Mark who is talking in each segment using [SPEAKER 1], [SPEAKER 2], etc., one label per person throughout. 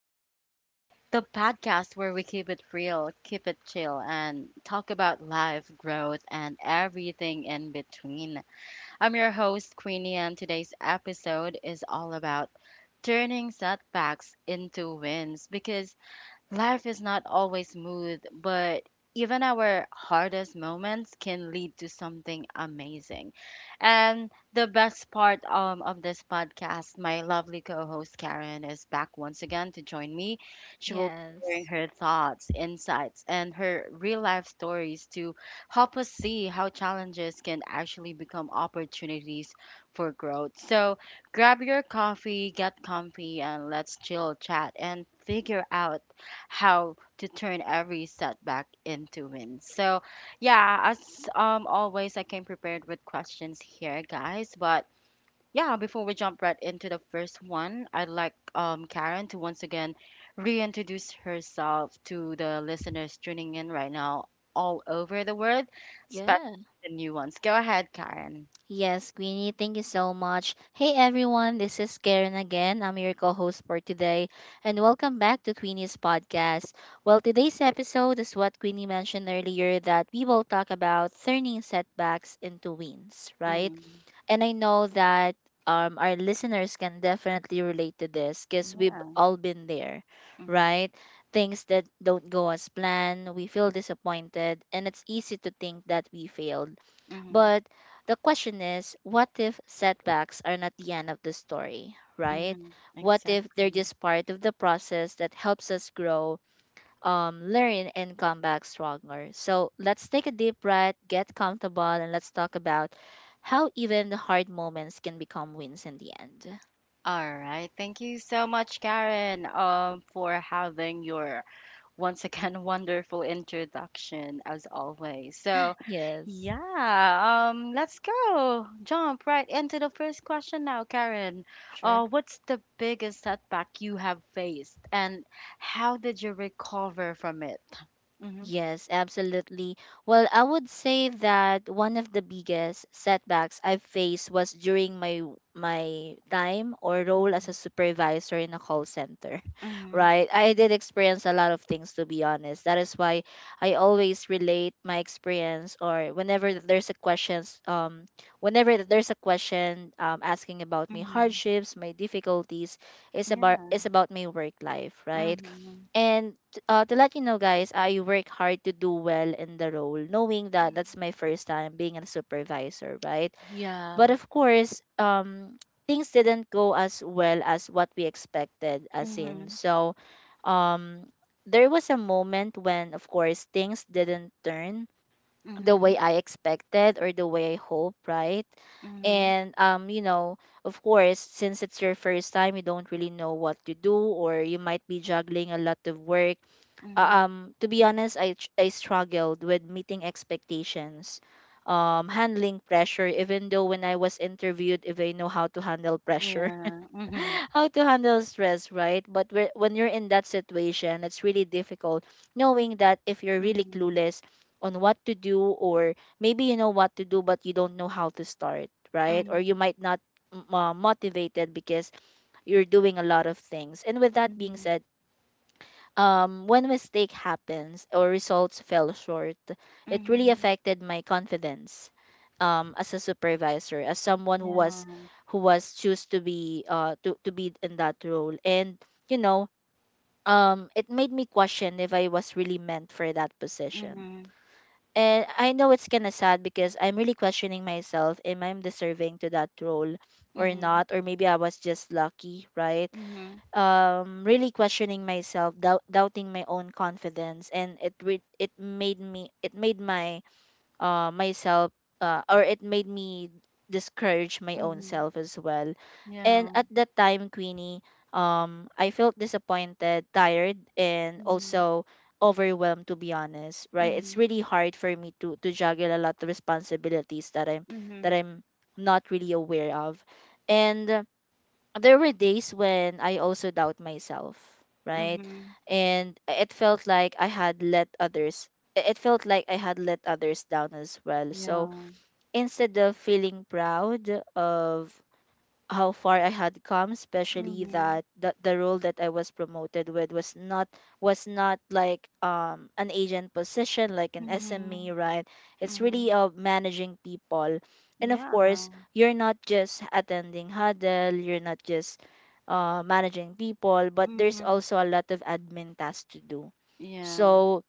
[SPEAKER 1] Queenie, the podcast where we keep it real, keep it chill, and talk about life, growth, and everything in between. I'm your host, Queenie, and today's episode is all about turning setbacks into wins because life is not always smooth, but even our hardest moments can lead to something amazing. And the best part of this podcast, my lovely co host Karen is back once again to join me. She will be sharing
[SPEAKER 2] Yes.
[SPEAKER 1] her thoughts, insights, and her real life stories to help us see how challenges can actually become opportunities for growth. So grab your coffee, get comfy, and let's chill, chat, and figure out how to turn every setback into wins. So, yeah, as always, I came prepared with questions here, guys. But yeah, before we jump right into the first one, I'd like Karen to once again reintroduce herself to the listeners tuning in right now all over the world, especially
[SPEAKER 2] yes,
[SPEAKER 1] the new ones. Go ahead, Karen.
[SPEAKER 2] Yes, Queenie, thank you so much. Hey everyone, this is Karen again. I'm your co host for today, and welcome back to Queenie's podcast. Well, today's episode is what Queenie mentioned earlier that we will talk about turning setbacks into wins, right?
[SPEAKER 1] Mm,
[SPEAKER 2] And I know that our listeners can definitely relate to this because we've
[SPEAKER 1] yeah.
[SPEAKER 2] all been there,
[SPEAKER 1] Mm-hmm,
[SPEAKER 2] right? Things that don't go as planned, we feel disappointed, and it's easy to think that we failed.
[SPEAKER 1] mm-hmm,
[SPEAKER 2] But the question is, what if setbacks are not the end of the story, right?
[SPEAKER 1] mm-hmm,
[SPEAKER 2] What if they're
[SPEAKER 1] exactly.
[SPEAKER 2] just part of the process that helps us grow, learn, and come back stronger? So let's take a deep breath, get comfortable, and let's talk about how even the hard moments can become wins in the end.
[SPEAKER 1] All right. Thank you so much, Karen, for having your once again wonderful introduction as always. So,
[SPEAKER 2] Yes,
[SPEAKER 1] yeah, let's go. Jump right into the first question now, Karen.
[SPEAKER 2] sure.
[SPEAKER 1] What's the biggest setback you have faced, and how did you recover from it? Mhm.
[SPEAKER 2] Yes, absolutely. Well, I would say that one of the biggest setbacks I've faced was during my time or role as a supervisor in a call center.
[SPEAKER 1] Mhm.
[SPEAKER 2] Right? I did experience a lot of things to be honest. That is why I always relate my experience or whenever there's a questions whenever there's a question asking about my
[SPEAKER 1] Mhm.
[SPEAKER 2] hardships, my difficulties, it's
[SPEAKER 1] Mhm.
[SPEAKER 2] about
[SPEAKER 1] Yeah.
[SPEAKER 2] it's about my work life, right?
[SPEAKER 1] Mhm.
[SPEAKER 2] And to let you know, guys, I work hard to do well in the role, knowing that that's my first time being a supervisor, right? But
[SPEAKER 1] Yeah.
[SPEAKER 2] of course, things didn't go as well as what we expected, as in,
[SPEAKER 1] Mhm.
[SPEAKER 2] so um, there was a moment when, of course, things didn't turn the
[SPEAKER 1] Mhm.
[SPEAKER 2] way I expected or the way I hope, right?
[SPEAKER 1] Mhm.
[SPEAKER 2] And you know, of course, since it's your first time, you don't really know what to do, or you might be juggling a lot of work
[SPEAKER 1] Mhm.
[SPEAKER 2] to be honest, I struggled with meeting expectations, handling pressure even though when I was interviewed if I know how to handle pressure,
[SPEAKER 1] Yeah. Mhm.
[SPEAKER 2] how to handle stress, right? But when you're in that situation it's really difficult, knowing that if you're really
[SPEAKER 1] Mhm.
[SPEAKER 2] clueless on what to do, or maybe you know what to do but you don't know how to start, right? Or you
[SPEAKER 1] Mhm.
[SPEAKER 2] might not motivated because you're doing a lot of things. And with that being
[SPEAKER 1] Mhm.
[SPEAKER 2] said, when mistake happens or results fell short, it really
[SPEAKER 1] Mhm.
[SPEAKER 2] affected my confidence as a supervisor, as someone who was
[SPEAKER 1] Yeah.
[SPEAKER 2] who was choose to be to be in that role. And you know, it made me question if I was really meant for that position.
[SPEAKER 1] Mhm.
[SPEAKER 2] And I know it's kind of sad because I'm really questioning myself, am I deserving to that role or
[SPEAKER 1] Mhm.
[SPEAKER 2] not? Or maybe I was just lucky, right?
[SPEAKER 1] Mhm.
[SPEAKER 2] Um, really questioning myself, doubting my own confidence, and it made me, uh myself it made me discourage my own
[SPEAKER 1] Mhm.
[SPEAKER 2] self as well. And
[SPEAKER 1] Yeah.
[SPEAKER 2] at that time, Queenie, um, I felt disappointed, tired, and also overwhelmed, to be honest, right? It's
[SPEAKER 1] Mhm.
[SPEAKER 2] really hard for me to juggle a lot of responsibilities that i'm
[SPEAKER 1] Mhm.
[SPEAKER 2] that i'm not really aware of. And there were days when I also doubt myself,
[SPEAKER 1] Mhm.
[SPEAKER 2] right?
[SPEAKER 1] Mhm.
[SPEAKER 2] And it felt like I had let others down as well. So
[SPEAKER 1] Yeah.
[SPEAKER 2] instead of feeling proud of how far I had come, especially
[SPEAKER 1] Mhm.
[SPEAKER 2] that the role that I was promoted with was not, was not like an agent position like an SME,
[SPEAKER 1] Mhm.
[SPEAKER 2] right? It's really
[SPEAKER 1] Mhm.
[SPEAKER 2] of managing people. And of
[SPEAKER 1] Yeah.
[SPEAKER 2] course, you're not just attending huddle, you're not just managing people, but there's
[SPEAKER 1] Mhm.
[SPEAKER 2] also a lot of admin tasks to do.
[SPEAKER 1] Yeah.
[SPEAKER 2] So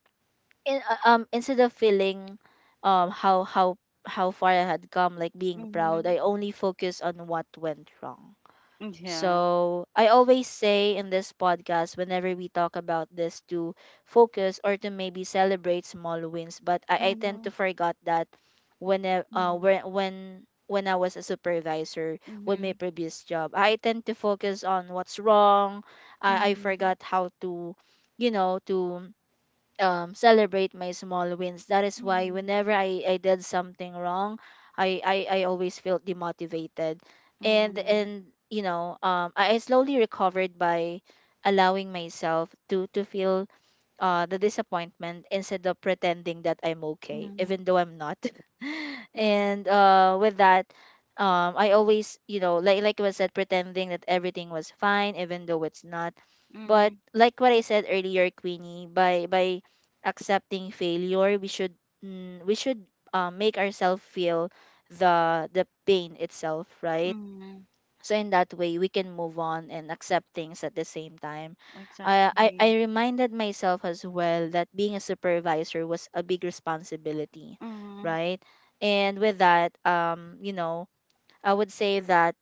[SPEAKER 2] instead of feeling um, how far I had come, like being proud, I
[SPEAKER 1] Mhm.
[SPEAKER 2] only focus on what went wrong.
[SPEAKER 1] Yeah.
[SPEAKER 2] So I always say in this podcast, whenever we talk about this, to focus or to maybe celebrate small wins. But I tend to
[SPEAKER 1] Mhm.
[SPEAKER 2] forget that when I- uh
[SPEAKER 1] Mhm.
[SPEAKER 2] when when when I was a supervisor with my
[SPEAKER 1] Mhm.
[SPEAKER 2] previous job, I tend to focus on what's wrong. I forgot
[SPEAKER 1] Mhm.
[SPEAKER 2] how to, you know, to celebrate my small wins. That is why
[SPEAKER 1] Mhm.
[SPEAKER 2] whenever I did something wrong, I always felt demotivated. And
[SPEAKER 1] Mhm.
[SPEAKER 2] and you know, I slowly recovered by allowing myself to feel the disappointment instead of pretending that I'm okay, even
[SPEAKER 1] Mhm.
[SPEAKER 2] though I'm not.
[SPEAKER 1] Mhm.
[SPEAKER 2] And with that, I always, you know, like I said, pretending that everything was fine, even though it's not. But
[SPEAKER 1] Mhm.
[SPEAKER 2] like what I said earlier, Queenie, by accepting failure, we should make ourselves feel the pain itself, right?
[SPEAKER 1] Mhm.
[SPEAKER 2] So in that way we can move on and accept things at the same time. I
[SPEAKER 1] Exactly.
[SPEAKER 2] reminded myself as well that being a supervisor was a big responsibility,
[SPEAKER 1] Mhm.
[SPEAKER 2] right? And with that, um, you know, I would say that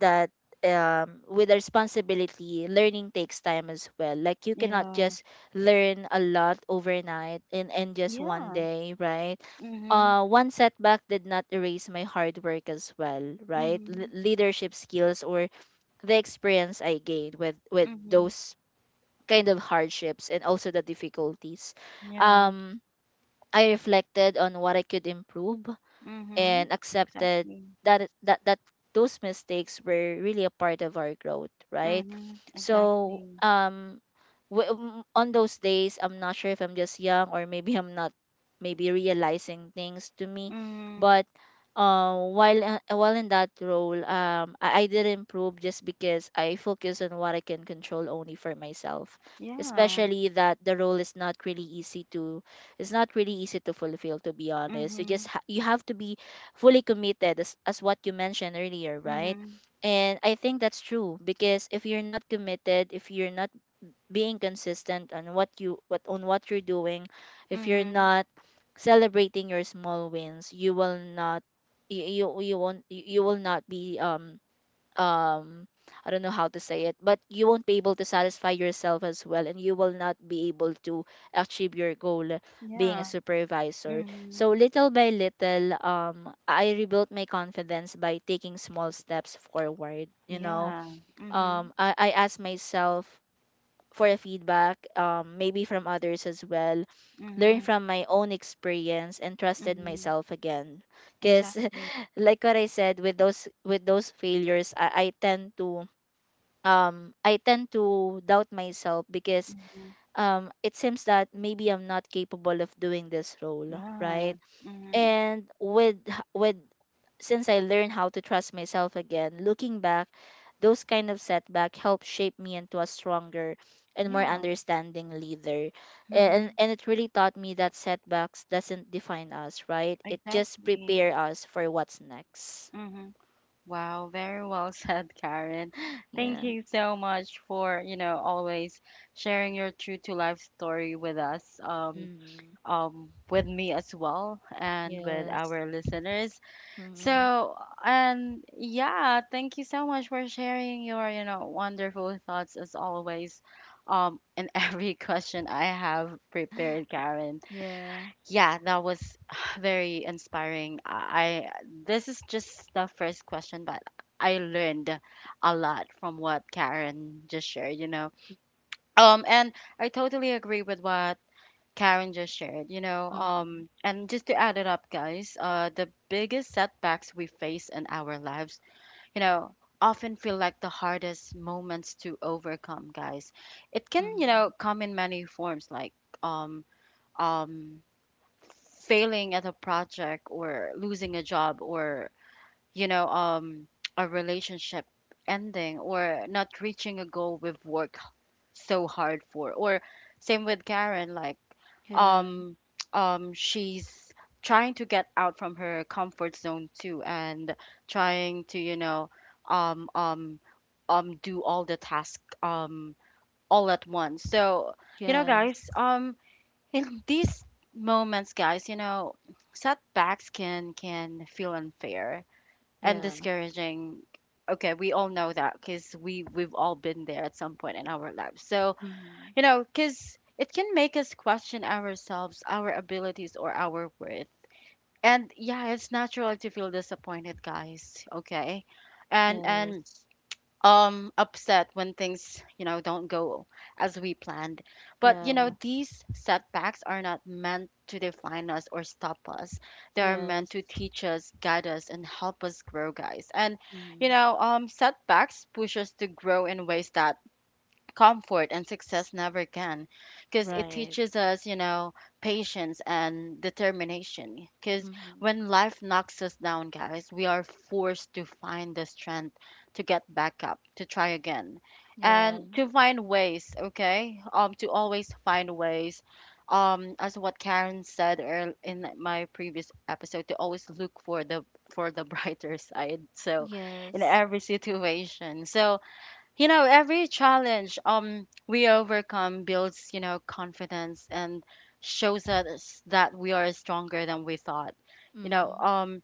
[SPEAKER 2] that with responsibility, learning takes time as well. Like you cannot
[SPEAKER 1] Yeah.
[SPEAKER 2] just learn a lot overnight and in just one
[SPEAKER 1] Yeah.
[SPEAKER 2] day, right?
[SPEAKER 1] Mhm,
[SPEAKER 2] One setback did not erase my hard work as well, right?
[SPEAKER 1] mhm,
[SPEAKER 2] Leadership skills or the experience I gained with with
[SPEAKER 1] mhm.
[SPEAKER 2] those kind of hardships and also the difficulties.
[SPEAKER 1] Yeah.
[SPEAKER 2] Um, I reflected on what I could improve, and
[SPEAKER 1] Mhm.
[SPEAKER 2] accepted
[SPEAKER 1] Exactly.
[SPEAKER 2] that it- that that those mistakes were really a part of our growth, right?
[SPEAKER 1] Mhm.
[SPEAKER 2] So
[SPEAKER 1] Exactly.
[SPEAKER 2] on those days I'm not sure if I'm just young or maybe I'm not maybe realizing things to me,
[SPEAKER 1] Mhm.
[SPEAKER 2] but while in that role, I did improve just because I focus on what I can control only for myself,
[SPEAKER 1] Yeah.
[SPEAKER 2] especially that the role is not really easy to it's not really easy to fulfill, to be honest. You just
[SPEAKER 1] Mhm.
[SPEAKER 2] you have to be fully committed, as what you mentioned earlier, right?
[SPEAKER 1] Mhm.
[SPEAKER 2] And I think that's true because if you're not committed, if you're not being consistent on what you what on what you're doing, if you're
[SPEAKER 1] Mhm.
[SPEAKER 2] not celebrating your small wins, you will not you you, you won't you you will not be um I don't know how to say it, but you won't be able to satisfy yourself as well, and you will not be able to achieve your goal being a
[SPEAKER 1] Yeah.
[SPEAKER 2] supervisor.
[SPEAKER 1] Mhm.
[SPEAKER 2] So little by little, I rebuilt my confidence by taking small steps forward. You know,
[SPEAKER 1] Yeah. Mhm.
[SPEAKER 2] I asked myself for a feedback, maybe from others as well. Learn
[SPEAKER 1] Mhm.
[SPEAKER 2] from my own experience and trusted
[SPEAKER 1] Mhm.
[SPEAKER 2] myself again. Cause
[SPEAKER 1] Exactly.
[SPEAKER 2] like what I said, with those failures, I tend to doubt myself because
[SPEAKER 1] Mhm.
[SPEAKER 2] it seems that maybe I'm not capable of doing this role,
[SPEAKER 1] Yeah.
[SPEAKER 2] right?
[SPEAKER 1] Mhm.
[SPEAKER 2] And with since I learned how to trust myself again, looking back, those kind of setback helped shape me into a stronger and more
[SPEAKER 1] Yeah.
[SPEAKER 2] understanding leader. And
[SPEAKER 1] Mhm.
[SPEAKER 2] and it really taught me that setbacks doesn't define us, right? It just
[SPEAKER 1] Exactly.
[SPEAKER 2] prepare us for what's next.
[SPEAKER 1] Mhm. Wow, very well said, Karen. Thank
[SPEAKER 2] Yeah.
[SPEAKER 1] you so much for, you know, always sharing your true to life story with us,
[SPEAKER 2] Mm-hmm.
[SPEAKER 1] with me as well, and with
[SPEAKER 2] Yes.
[SPEAKER 1] our listeners.
[SPEAKER 2] Mm-hmm.
[SPEAKER 1] So, and yeah, thank you so much for sharing your, you know, wonderful thoughts as always, in every question I have prepared, Karen.
[SPEAKER 2] Yeah.
[SPEAKER 1] Yeah, that was very inspiring. I this is just the first question, but I learned a lot from what Karen just shared, you know. And I totally agree with what Karen just shared, you know.
[SPEAKER 2] Mm-hmm.
[SPEAKER 1] And just to add it up, guys, the biggest setbacks we face in our lives, you know, often feel like the hardest moments to overcome, guys. It can, you
[SPEAKER 2] Mm-hmm.
[SPEAKER 1] know, come in many forms, like um um failing at a project, or losing a job, or you know, a relationship ending, or not reaching a goal we've worked so hard for, or same with Karen, like
[SPEAKER 2] Yeah.
[SPEAKER 1] um she's trying to get out from her comfort zone too, and trying to, you know, um um do all the tasks, all at once. So, you know,
[SPEAKER 2] Yes.
[SPEAKER 1] guys, in these moments, guys, you know, setbacks can feel unfair and
[SPEAKER 2] Yeah.
[SPEAKER 1] discouraging. Okay, we all know that, because we've all been there at some point in our lives. So,
[SPEAKER 2] Mm-hmm.
[SPEAKER 1] you know, because it can make us question ourselves, our abilities, or our worth. And yeah, it's natural to feel disappointed, guys. Okay, and
[SPEAKER 2] Yes.
[SPEAKER 1] upset when things, you know, don't go as we planned. But you know,
[SPEAKER 2] Yeah.
[SPEAKER 1] these setbacks are not meant to define us or stop us. They are meant to
[SPEAKER 2] Yes.
[SPEAKER 1] teach us, guide us, and help us grow, guys. And you
[SPEAKER 2] Mm,
[SPEAKER 1] know, setbacks push us to grow in ways that comfort and success never can, because it
[SPEAKER 2] right.
[SPEAKER 1] teaches us, you know, patience and determination. Because
[SPEAKER 2] Mm-hmm.
[SPEAKER 1] when life knocks us down, guys, we are forced to find the strength to get back up, to try again,
[SPEAKER 2] Yeah.
[SPEAKER 1] and to find ways. Okay, to always find ways, as what Karen said earl in my previous episode, to always look for the brighter side. So in
[SPEAKER 2] Yes.
[SPEAKER 1] every situation, so you know, every challenge we overcome builds, you know, confidence and shows us that we are stronger than we thought. You know,
[SPEAKER 2] Mm-hmm.
[SPEAKER 1] um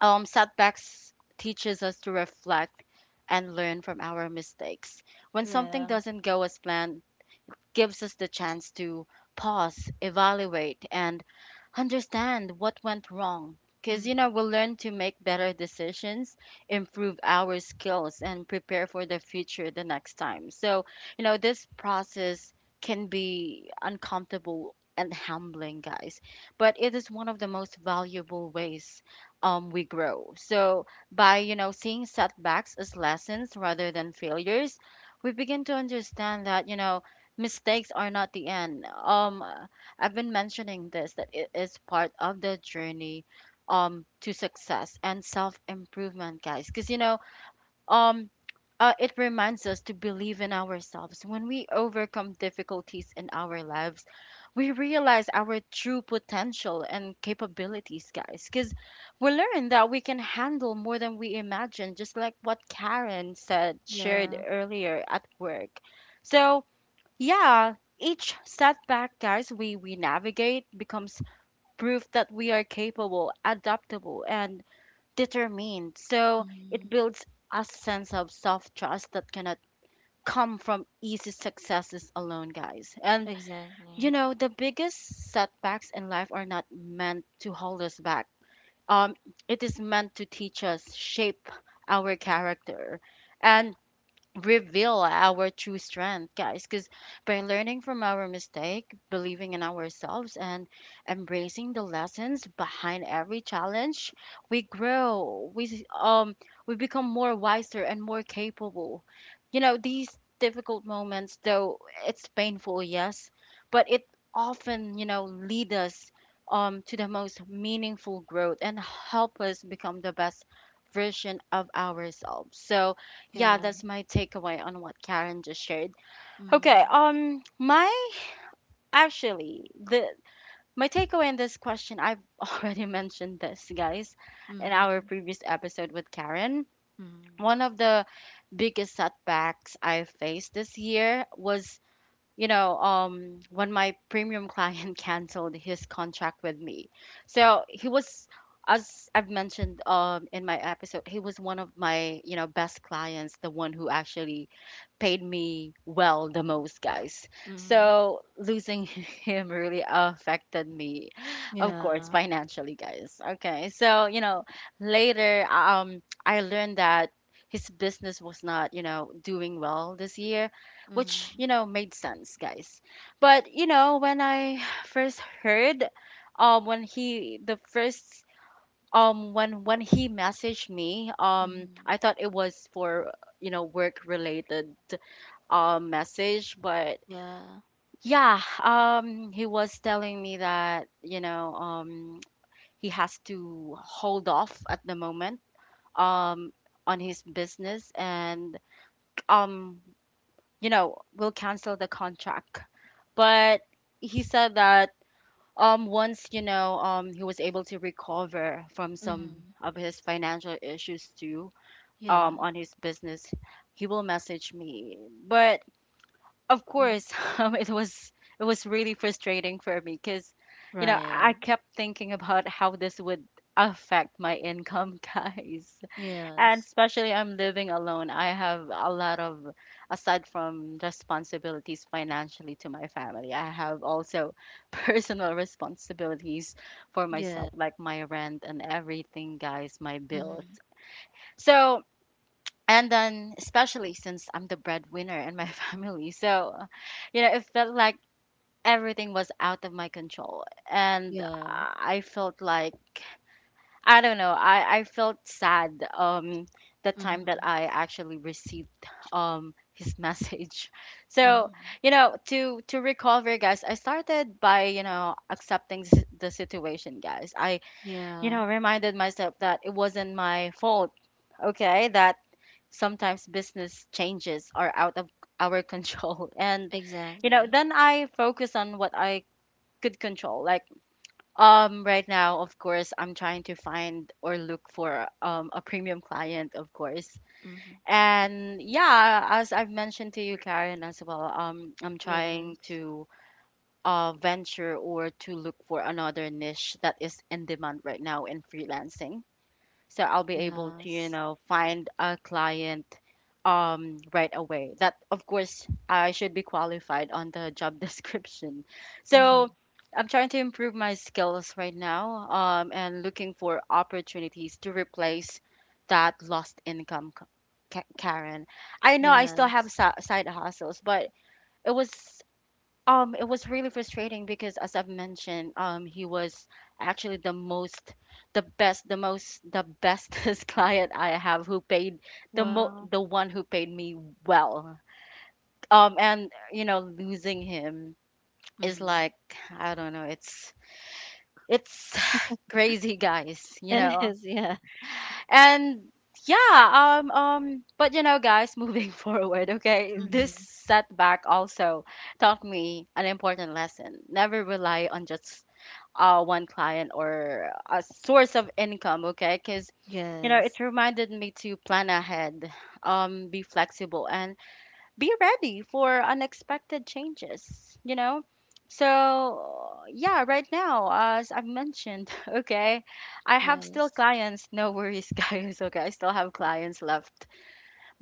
[SPEAKER 1] um setbacks teaches us to reflect and learn from our mistakes. When something
[SPEAKER 2] Yeah.
[SPEAKER 1] doesn't go as planned, gives us the chance to pause, evaluate, and understand what went wrong. Because, you know,
[SPEAKER 2] Mm-hmm.
[SPEAKER 1] we'll learn to make better decisions, improve our skills, and prepare for the future the next time. So, you know, this process can be uncomfortable and humbling, guys, but it is one of the most valuable ways we grow. So, by, you know, seeing setbacks as lessons rather than failures, we begin to understand that, you know, mistakes are not the end. I've been mentioning this, that it is part of the journey to success and self-improvement, guys. Because you know, um, it reminds us to believe in ourselves. When we overcome difficulties in our lives, we realize our true potential and capabilities, guys. Because we learn that we can handle more than we imagine, just like what Karen said, shared
[SPEAKER 2] Yeah.
[SPEAKER 1] earlier at work. So, yeah, each setback, guys, we navigate becomes proof that we are capable, adaptable, and determined. So it
[SPEAKER 2] Mm-hmm.
[SPEAKER 1] builds a sense of self trust that cannot come from easy successes alone, guys. And you
[SPEAKER 2] Exactly.
[SPEAKER 1] know, the biggest setbacks in life are not meant to hold us back. Um, it is meant to teach us, shape our character, and reveal our true strength, guys. Because by learning from our mistake, believing in ourselves, and embracing the lessons behind every challenge, we grow. We become more wiser and more capable. You know, these difficult moments, though it's painful, yes, but it often, you know, lead us to the most meaningful growth and help us become the best version of ourselves. So yeah,
[SPEAKER 2] Yeah.
[SPEAKER 1] that's my takeaway on what Karen just shared. Okay,
[SPEAKER 2] Mm-hmm.
[SPEAKER 1] my actually the my takeaway in this question, I've already mentioned this, guys, in our
[SPEAKER 2] Mm-hmm.
[SPEAKER 1] previous episode with Karen.
[SPEAKER 2] Mm-hmm.
[SPEAKER 1] One of the biggest setbacks I faced this year was, you know, when my premium client canceled his contract with me. So he was, as I've mentioned in my episode, he was one of my, you know, best clients, the one who actually paid me well the most, guys.
[SPEAKER 2] Mm-hmm.
[SPEAKER 1] So losing him really affected me, of course,
[SPEAKER 2] Yeah.
[SPEAKER 1] financially, guys. Okay. So, you know, later I learned that his business was not, you know, doing well this year, which
[SPEAKER 2] Mm-hmm.
[SPEAKER 1] you know made sense, guys. But you know, when I first heard, um when he the first um, when he messaged me, I
[SPEAKER 2] Mm-hmm.
[SPEAKER 1] thought it was for, you know, work related message. But
[SPEAKER 2] Yeah.
[SPEAKER 1] yeah, he was telling me that, you know, he has to hold off at the moment, um on his business, and um you know, will cancel the contract. But he said that once, you know, he was able to recover from some
[SPEAKER 2] Mm-hmm.
[SPEAKER 1] of his financial issues too,
[SPEAKER 2] Yeah.
[SPEAKER 1] on his business, he will message me. But of course
[SPEAKER 2] Mm-hmm.
[SPEAKER 1] um, it was it was really frustrating for me, because you know, I
[SPEAKER 2] Right.
[SPEAKER 1] kept thinking about how this would affect my income guys. And
[SPEAKER 2] Yes.
[SPEAKER 1] especially I'm living alone. I have a lot of, aside from responsibilities financially to my family, I have also personal responsibilities for myself,
[SPEAKER 2] Yeah.
[SPEAKER 1] like my rent and everything, guys, my bills.
[SPEAKER 2] Mm-hmm.
[SPEAKER 1] So, and then especially since I'm the breadwinner in my family, so, you know, it felt like everything was out of my control. And
[SPEAKER 2] Yeah.
[SPEAKER 1] I felt like, I don't know. I felt sad the time that
[SPEAKER 2] Mm-hmm.
[SPEAKER 1] I actually received his message. So,
[SPEAKER 2] Mm-hmm.
[SPEAKER 1] you know, to recover, guys, I started by, you know, accepting the situation, guys. I, you know,
[SPEAKER 2] Yeah.
[SPEAKER 1] reminded myself that it wasn't my fault. Okay? That sometimes business changes are out of our control and you know,
[SPEAKER 2] Exactly.
[SPEAKER 1] then I focus on what I could control, like right now, of course, I'm trying to find or look for a premium client, of course.
[SPEAKER 2] Mm-hmm.
[SPEAKER 1] And yeah, as I've mentioned to you, Karen, as well, I'm trying
[SPEAKER 2] Yes.
[SPEAKER 1] to venture or to look for another niche that is in demand right now in freelancing, so I'll be able to, you
[SPEAKER 2] Yes.
[SPEAKER 1] know, find a client right away. That of course I should be qualified on the job description.
[SPEAKER 2] Mm-hmm.
[SPEAKER 1] So I'm trying to improve my skills right now, and looking for opportunities to replace that lost income. Karen, I know I still have
[SPEAKER 2] Yes.
[SPEAKER 1] side hustles, but it was, it was really frustrating, because, as I've mentioned, he was actually the most, the best, the bestest client I have, who paid
[SPEAKER 2] Wow.
[SPEAKER 1] the one who paid me well. And you know, losing him is
[SPEAKER 2] Mm.
[SPEAKER 1] like, I don't know, it's crazy, guys, you
[SPEAKER 2] It
[SPEAKER 1] know.
[SPEAKER 2] is, yeah.
[SPEAKER 1] And yeah, but you know, guys, moving forward, okay, this
[SPEAKER 2] Mm-hmm.
[SPEAKER 1] setback also taught me an important lesson. Never rely on just one client or a source of income, okay? Because, you know, it
[SPEAKER 2] Yes.
[SPEAKER 1] reminded me to plan ahead, be flexible, and be ready for unexpected changes, you know? So, yeah, right now, as I've mentioned, okay, I have still
[SPEAKER 2] Yes.
[SPEAKER 1] clients. No worries, guys. Okay, I still have clients left,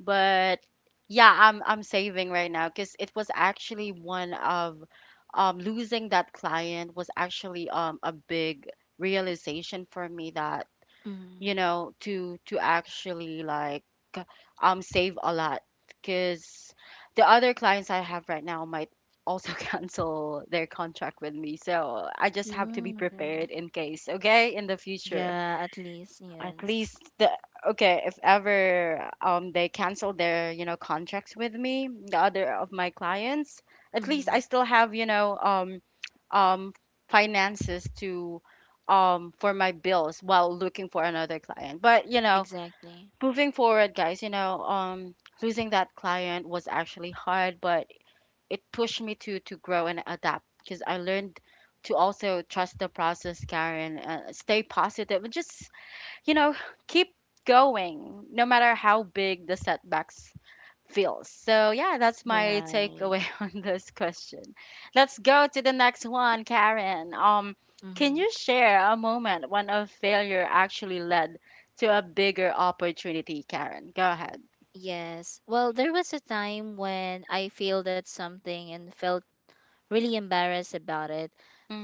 [SPEAKER 1] but yeah, I'm saving right now, because it was actually one of losing that client was actually a big realization for me that, you
[SPEAKER 2] Mm.
[SPEAKER 1] know, to actually, like, save a lot, because the other clients I have right now might also cancel their contract with me. So I just have to be
[SPEAKER 2] Mm, okay.
[SPEAKER 1] prepared in case, okay, in the future.
[SPEAKER 2] Yeah, at least,
[SPEAKER 1] At
[SPEAKER 2] yes.
[SPEAKER 1] least the okay, if ever they cancel their, you know, contracts with me, the other of my clients, at least
[SPEAKER 2] Mm-hmm.
[SPEAKER 1] I still have, you know, um finances to, for my bills while looking for another client. But, you know,
[SPEAKER 2] Exactly.
[SPEAKER 1] moving forward, guys, you know, losing that client was actually hard, but it pushed me to grow and adapt, because I learned to also trust the process, Karen, stay positive, and just, you know, keep going, no matter how big the setbacks feels. So yeah, that's my
[SPEAKER 2] Right.
[SPEAKER 1] takeaway on this question. Let's go to the next one, Karen. Can
[SPEAKER 2] Mm-hmm.
[SPEAKER 1] you share a moment when a failure actually led to a bigger opportunity, Karen? Go ahead.
[SPEAKER 2] Yes. Well, there was a time when I failed at something and felt really embarrassed about it.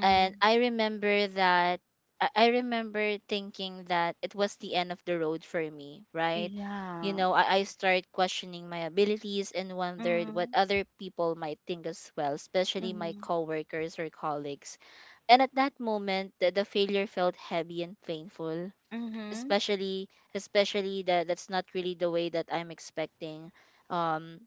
[SPEAKER 2] And I remember that I remember thinking that it was the end of the road for me, right? You
[SPEAKER 1] yeah.
[SPEAKER 2] know, I started questioning my abilities and wondered what
[SPEAKER 1] Mm,
[SPEAKER 2] other people might think as well, especially my
[SPEAKER 1] mm,
[SPEAKER 2] coworkers or colleagues. And at that moment, the failure felt heavy and painful,
[SPEAKER 1] mm-hmm,
[SPEAKER 2] especially especially that that's not really the way that I'm expecting. Um,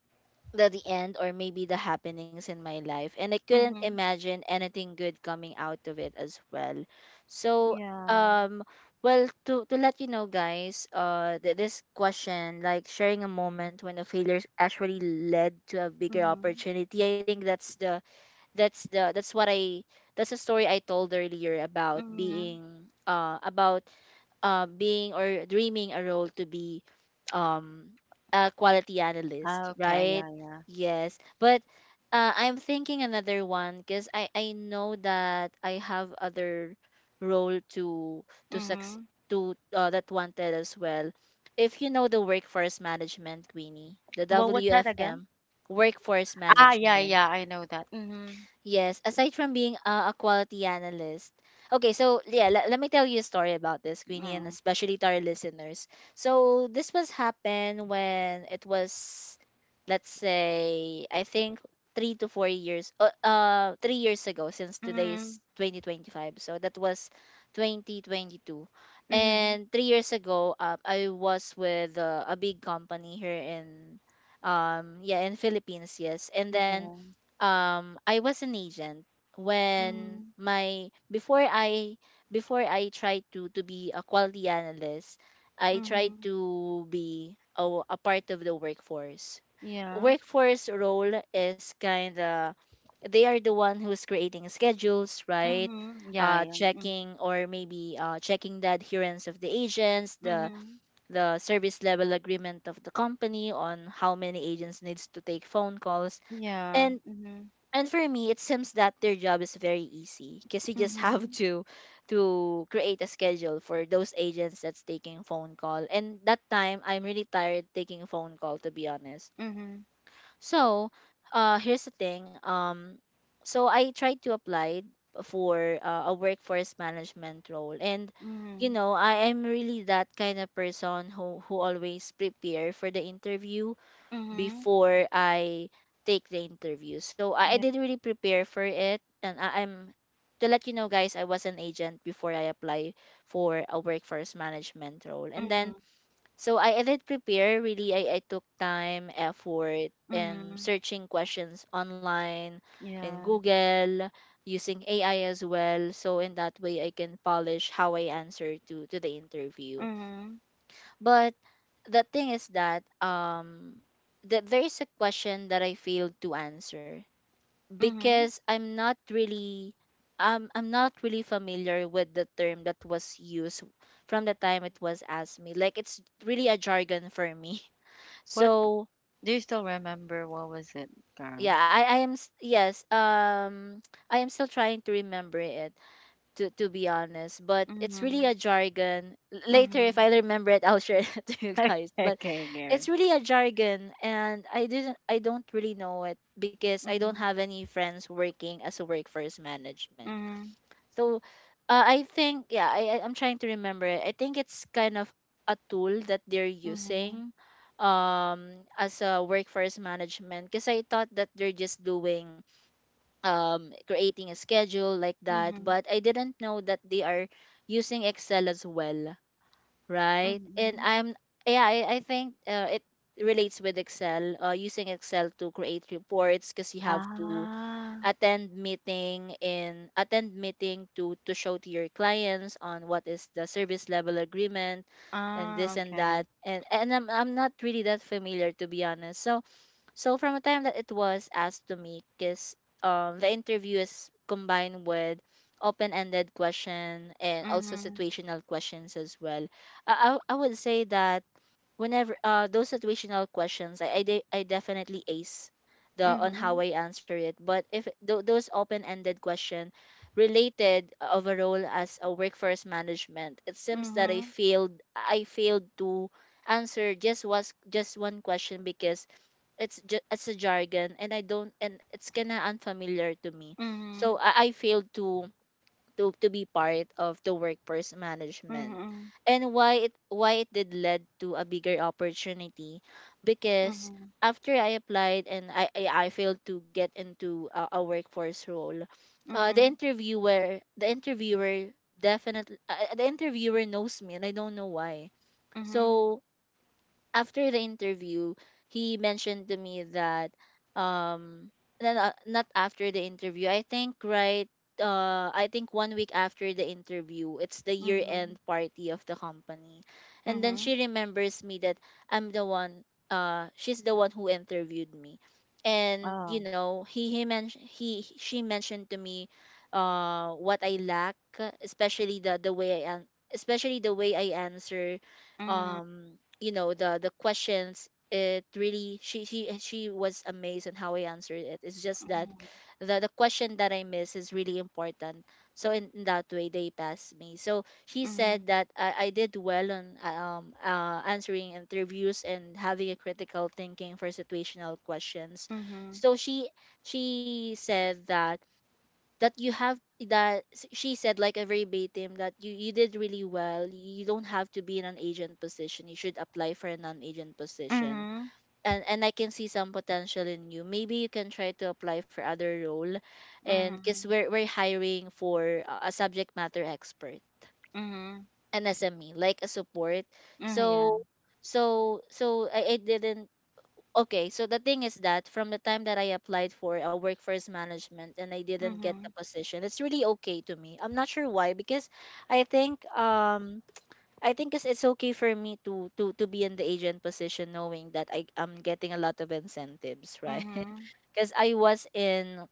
[SPEAKER 2] the end or maybe the happenings in my life, and I couldn't
[SPEAKER 1] mm-hmm,
[SPEAKER 2] imagine anything good coming out of it as well. So
[SPEAKER 1] yeah.
[SPEAKER 2] um, well, to let you know guys, this question, like sharing a moment when a failure actually led to a bigger
[SPEAKER 1] Mm-hmm,
[SPEAKER 2] opportunity, I think that's the that's the that's what I that's a story I told earlier
[SPEAKER 1] mm-hmm.
[SPEAKER 2] about being or dreaming a role to be um a quality analyst,
[SPEAKER 1] Okay,
[SPEAKER 2] right?
[SPEAKER 1] yeah,
[SPEAKER 2] Yes, but I'm thinking another one because I know that I have other role
[SPEAKER 1] yeah.
[SPEAKER 2] to succeed
[SPEAKER 1] Mm-hmm.
[SPEAKER 2] to that wanted as well. If you know the workforce management, Queenie, the
[SPEAKER 1] What was that again?
[SPEAKER 2] WFM, workforce
[SPEAKER 1] Ah, yeah,
[SPEAKER 2] management.
[SPEAKER 1] yeah, I know that. Mhm.
[SPEAKER 2] Yes, aside from being a quality analyst. Okay, so yeah, let me tell you a story about this, Queenie, and
[SPEAKER 1] Mm.
[SPEAKER 2] especially to our listeners. So this was happened when it was, let's say, I think 3 to 4 years, 3 years ago, since today
[SPEAKER 1] Mhm.
[SPEAKER 2] is 2025. So that was 2022.
[SPEAKER 1] Mhm.
[SPEAKER 2] And 3 years ago, I was with a big company here in, yeah, in Philippines, yes. And then
[SPEAKER 1] Yeah.
[SPEAKER 2] I was an agent when
[SPEAKER 1] Mhm.
[SPEAKER 2] my before I tried to be a quality analyst, I tried
[SPEAKER 1] Mhm.
[SPEAKER 2] to be a part of the workforce.
[SPEAKER 1] Yeah.
[SPEAKER 2] Workforce role is kind of they are the one who's creating schedules, right?
[SPEAKER 1] Mhm. Yeah, yeah. Mhm.
[SPEAKER 2] Checking or maybe checking the adherence of the agents,
[SPEAKER 1] Mhm.
[SPEAKER 2] the service level agreement of the company on how many agents needs to take phone calls,
[SPEAKER 1] Yeah.
[SPEAKER 2] and
[SPEAKER 1] Mhm.
[SPEAKER 2] and for me, it seems that their job is very easy because you just have
[SPEAKER 1] Mhm.
[SPEAKER 2] to create a schedule for those agents that's taking phone call. And that time, I'm really tired taking phone call, to be honest.
[SPEAKER 1] Mhm.
[SPEAKER 2] So, here's the thing. So I tried to apply for a workforce management role, and you
[SPEAKER 1] Mhm.
[SPEAKER 2] know, I am really that kind of person who always prepare for the interview
[SPEAKER 1] Mhm.
[SPEAKER 2] before I take the interview. So I
[SPEAKER 1] Yeah.
[SPEAKER 2] didn't really prepare for it, and I'm, to let you know, guys, I was an agent before I apply for a workforce management role, and
[SPEAKER 1] Mhm.
[SPEAKER 2] then so I did prepare. Really, I took time, effort, and
[SPEAKER 1] Mhm.
[SPEAKER 2] searching questions online, in
[SPEAKER 1] Yeah.
[SPEAKER 2] Google, using AI as well. So in that way, I can polish how I answer to the interview.
[SPEAKER 1] Mhm.
[SPEAKER 2] But the thing is that that there is a question that I failed to answer
[SPEAKER 1] Mhm.
[SPEAKER 2] because I'm not really familiar with the term that was used from the time it was asked me. Like it's really a jargon for me.
[SPEAKER 1] What
[SPEAKER 2] So
[SPEAKER 1] do you still remember? What was it, Karen?
[SPEAKER 2] yeah, yes, I am still trying to remember it, to be honest, but it's really a
[SPEAKER 1] Mhm.
[SPEAKER 2] jargon. Later if
[SPEAKER 1] Mhm.
[SPEAKER 2] I remember it, I'll share it to you guys.
[SPEAKER 1] Okay,
[SPEAKER 2] But
[SPEAKER 1] okay, Karen.
[SPEAKER 2] it's really a jargon, and I don't really know it because I don't
[SPEAKER 1] Mhm.
[SPEAKER 2] have any friends working as a workforce management.
[SPEAKER 1] Mhm.
[SPEAKER 2] So I think yeah, I'm trying to remember it. I think it's kind of a tool that they're
[SPEAKER 1] Mhm.
[SPEAKER 2] using um as a workforce management, because I thought that they're just doing creating a schedule like that.
[SPEAKER 1] Mhm.
[SPEAKER 2] But I didn't know that they are using Excel as well, right? And
[SPEAKER 1] Mhm.
[SPEAKER 2] I'm yeah, I think it relates with Excel, using Excel to create reports, because you have to
[SPEAKER 1] Ah.
[SPEAKER 2] attend meeting to show to your clients on what is the service level agreement and
[SPEAKER 1] Ah,
[SPEAKER 2] this and
[SPEAKER 1] okay.
[SPEAKER 2] that, and I'm not really that familiar, to be honest. So so from the time that it was asked to me, because the interview is combined with open-ended question and also
[SPEAKER 1] Mhm.
[SPEAKER 2] situational questions as well. I would say that whenever those situational questions, I definitely ace the on how
[SPEAKER 1] Mhm.
[SPEAKER 2] I answer it. But if those open-ended question related of a role as a workforce management, it seems that
[SPEAKER 1] Mhm.
[SPEAKER 2] I failed to answer just was just one question because it's a jargon, and I don't and it's kind of unfamiliar to me. So
[SPEAKER 1] Mhm.
[SPEAKER 2] I failed to to be part of the workforce management.
[SPEAKER 1] Mhm.
[SPEAKER 2] And why it did led to a bigger opportunity, because
[SPEAKER 1] Mhm.
[SPEAKER 2] after I applied and I failed to get into a workforce role,
[SPEAKER 1] Mhm.
[SPEAKER 2] the interviewer definitely, the interviewer knows me, and I don't know why.
[SPEAKER 1] Mhm.
[SPEAKER 2] So after the interview, he mentioned to me that no, no, not after the interview. I think 1 week after the interview, it's the year
[SPEAKER 1] Mhm.
[SPEAKER 2] end party of the company. And then
[SPEAKER 1] Mhm.
[SPEAKER 2] she remembers me that I'm the one, she's the one who interviewed me. And
[SPEAKER 1] Oh.
[SPEAKER 2] you know, he mentioned he she mentioned to me what I lack, especially the way especially the way I answer
[SPEAKER 1] Mhm.
[SPEAKER 2] um you know the questions. It really, she was amazed on how I answered it. It's just that the question that I miss is really important. So in that way they passed me. So she
[SPEAKER 1] Mhm.
[SPEAKER 2] said that I did well on answering interviews and having a critical thinking for situational questions.
[SPEAKER 1] Mhm.
[SPEAKER 2] So she said that that you have that s- she said like a verbatim that you did really well, you don't have to be in an agent position, you should apply for a non-agent position,
[SPEAKER 1] Mhm.
[SPEAKER 2] and I can see some potential in you, maybe you can try to apply for other role, and because
[SPEAKER 1] Mhm.
[SPEAKER 2] we're hiring for a subject matter expert,
[SPEAKER 1] Mhm.
[SPEAKER 2] an SME, like a support.
[SPEAKER 1] Mhm. Yeah.
[SPEAKER 2] So I didn't. Okay, so the thing is that from the time that I applied for a workforce management and I didn't get the
[SPEAKER 1] Mhm.
[SPEAKER 2] position, it's really okay to me. I'm not sure why because I think um I think it's okay for me to be in the agent position knowing that I am getting a lot of incentives, right?
[SPEAKER 1] Mhm.
[SPEAKER 2] Because I was in,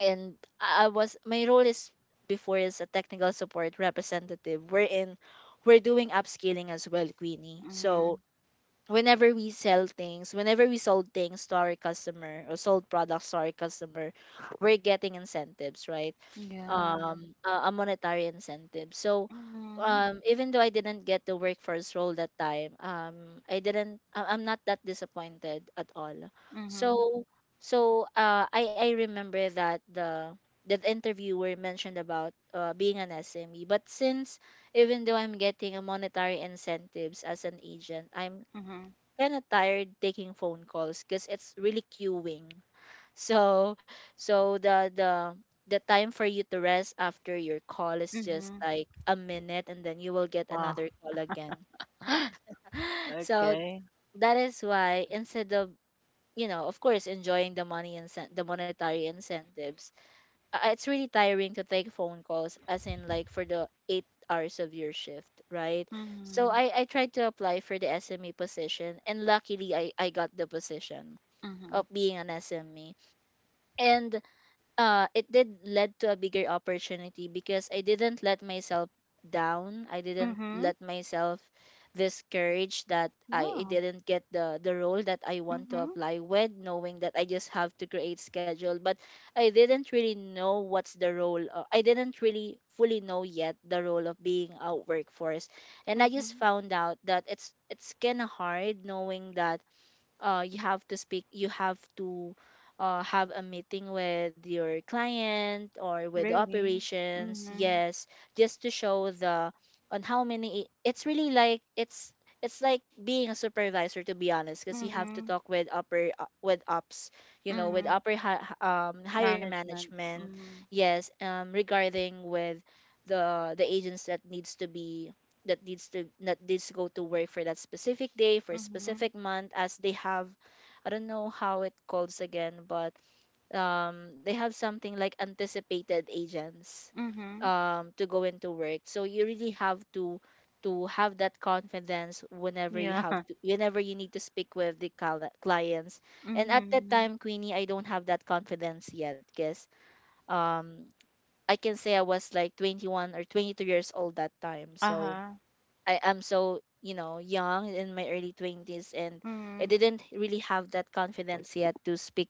[SPEAKER 2] and I was my role is before is a technical support representative. We're doing upscaling as well, Queenie.
[SPEAKER 1] Mhm.
[SPEAKER 2] So whenever whenever we sold things to our customer or sold products to our customer, we're getting incentives, right?
[SPEAKER 1] Yeah.
[SPEAKER 2] A monetary incentive. So,
[SPEAKER 1] Mhm.
[SPEAKER 2] even though I didn't get the workforce role that time, I didn't. I'm not that disappointed at all.
[SPEAKER 1] Mhm.
[SPEAKER 2] So, so I remember that the interviewer mentioned about being an SME, but since even though I'm getting a monetary incentives as an agent, I'm
[SPEAKER 1] Mhm.
[SPEAKER 2] kind of tired taking phone calls because it's really queuing. So so the the the time for you to rest after your call is just
[SPEAKER 1] Mhm.
[SPEAKER 2] like a minute, and then you will get
[SPEAKER 1] Wow.
[SPEAKER 2] another call again. So
[SPEAKER 1] Okay.
[SPEAKER 2] that is why instead of you know, of course, enjoying the money and the monetary incentives, it's really tiring to take phone calls, as in like for the 8 hours of your shift, right? So
[SPEAKER 1] Mhm.
[SPEAKER 2] I tried to apply for the SME position, and luckily I got the position
[SPEAKER 1] Mhm.
[SPEAKER 2] of being an SME. And it did led to a bigger opportunity because I didn't let myself down. I didn't
[SPEAKER 1] Mhm.
[SPEAKER 2] let myself discourage that I
[SPEAKER 1] Yeah.
[SPEAKER 2] didn't get the role that I want to
[SPEAKER 1] Mhm.
[SPEAKER 2] apply with, knowing that I just have to create schedule. But I didn't really know what's the role. I didn't really fully know yet the role of being a workforce. And I just
[SPEAKER 1] Mhm.
[SPEAKER 2] found out that it's kind of hard, knowing that you have to have a meeting with your client or with the
[SPEAKER 1] Really.
[SPEAKER 2] operations,
[SPEAKER 1] Mhm.
[SPEAKER 2] yes, just to show the on how many. It's really like it's like being a supervisor, to be honest, because you have to
[SPEAKER 1] Mhm.
[SPEAKER 2] talk with upper with ops, you know, with
[SPEAKER 1] Mhm.
[SPEAKER 2] higher
[SPEAKER 1] Management.
[SPEAKER 2] management,
[SPEAKER 1] Mhm.
[SPEAKER 2] yes, regarding with the agents that needs to be, that needs to go to work for that specific day for a
[SPEAKER 1] Mhm.
[SPEAKER 2] specific month, as they have, I don't know how it calls again, but they have something like anticipated agents
[SPEAKER 1] Mhm.
[SPEAKER 2] to go into work. So you really have to have that confidence whenever you
[SPEAKER 1] Yeah.
[SPEAKER 2] have to whenever you need to speak with the clients. And at that
[SPEAKER 1] Mhm.
[SPEAKER 2] time, Queenie, I don't have that confidence yet, because um I can say I was like 21 or 22 years old that time. So
[SPEAKER 1] Uh-huh.
[SPEAKER 2] I am so, you know, young in my early 20s, and I
[SPEAKER 1] Mhm.
[SPEAKER 2] didn't really have that confidence yet to speak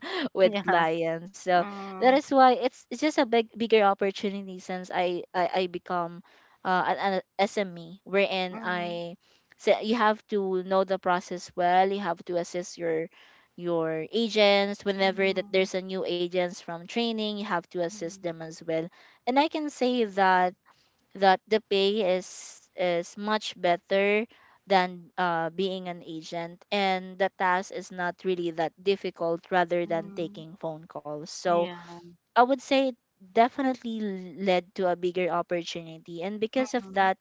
[SPEAKER 2] with
[SPEAKER 1] Yeah.
[SPEAKER 2] clients. So that
[SPEAKER 1] Mm.
[SPEAKER 2] is why it's just a bigger opportunity since I become an SME, wherein
[SPEAKER 1] Mhm.
[SPEAKER 2] I so you have to know the process well. You have to assist your agents whenever that
[SPEAKER 1] Mhm.
[SPEAKER 2] there's a new agents from training, you have to assist
[SPEAKER 1] Mhm.
[SPEAKER 2] them as well. And I can say that that the pay is much better than, being an agent, and the task is not really that difficult rather than
[SPEAKER 1] Mhm.
[SPEAKER 2] taking phone calls. So
[SPEAKER 1] Yeah.
[SPEAKER 2] I would say it definitely led to a bigger opportunity. And because of
[SPEAKER 1] Mhm.
[SPEAKER 2] that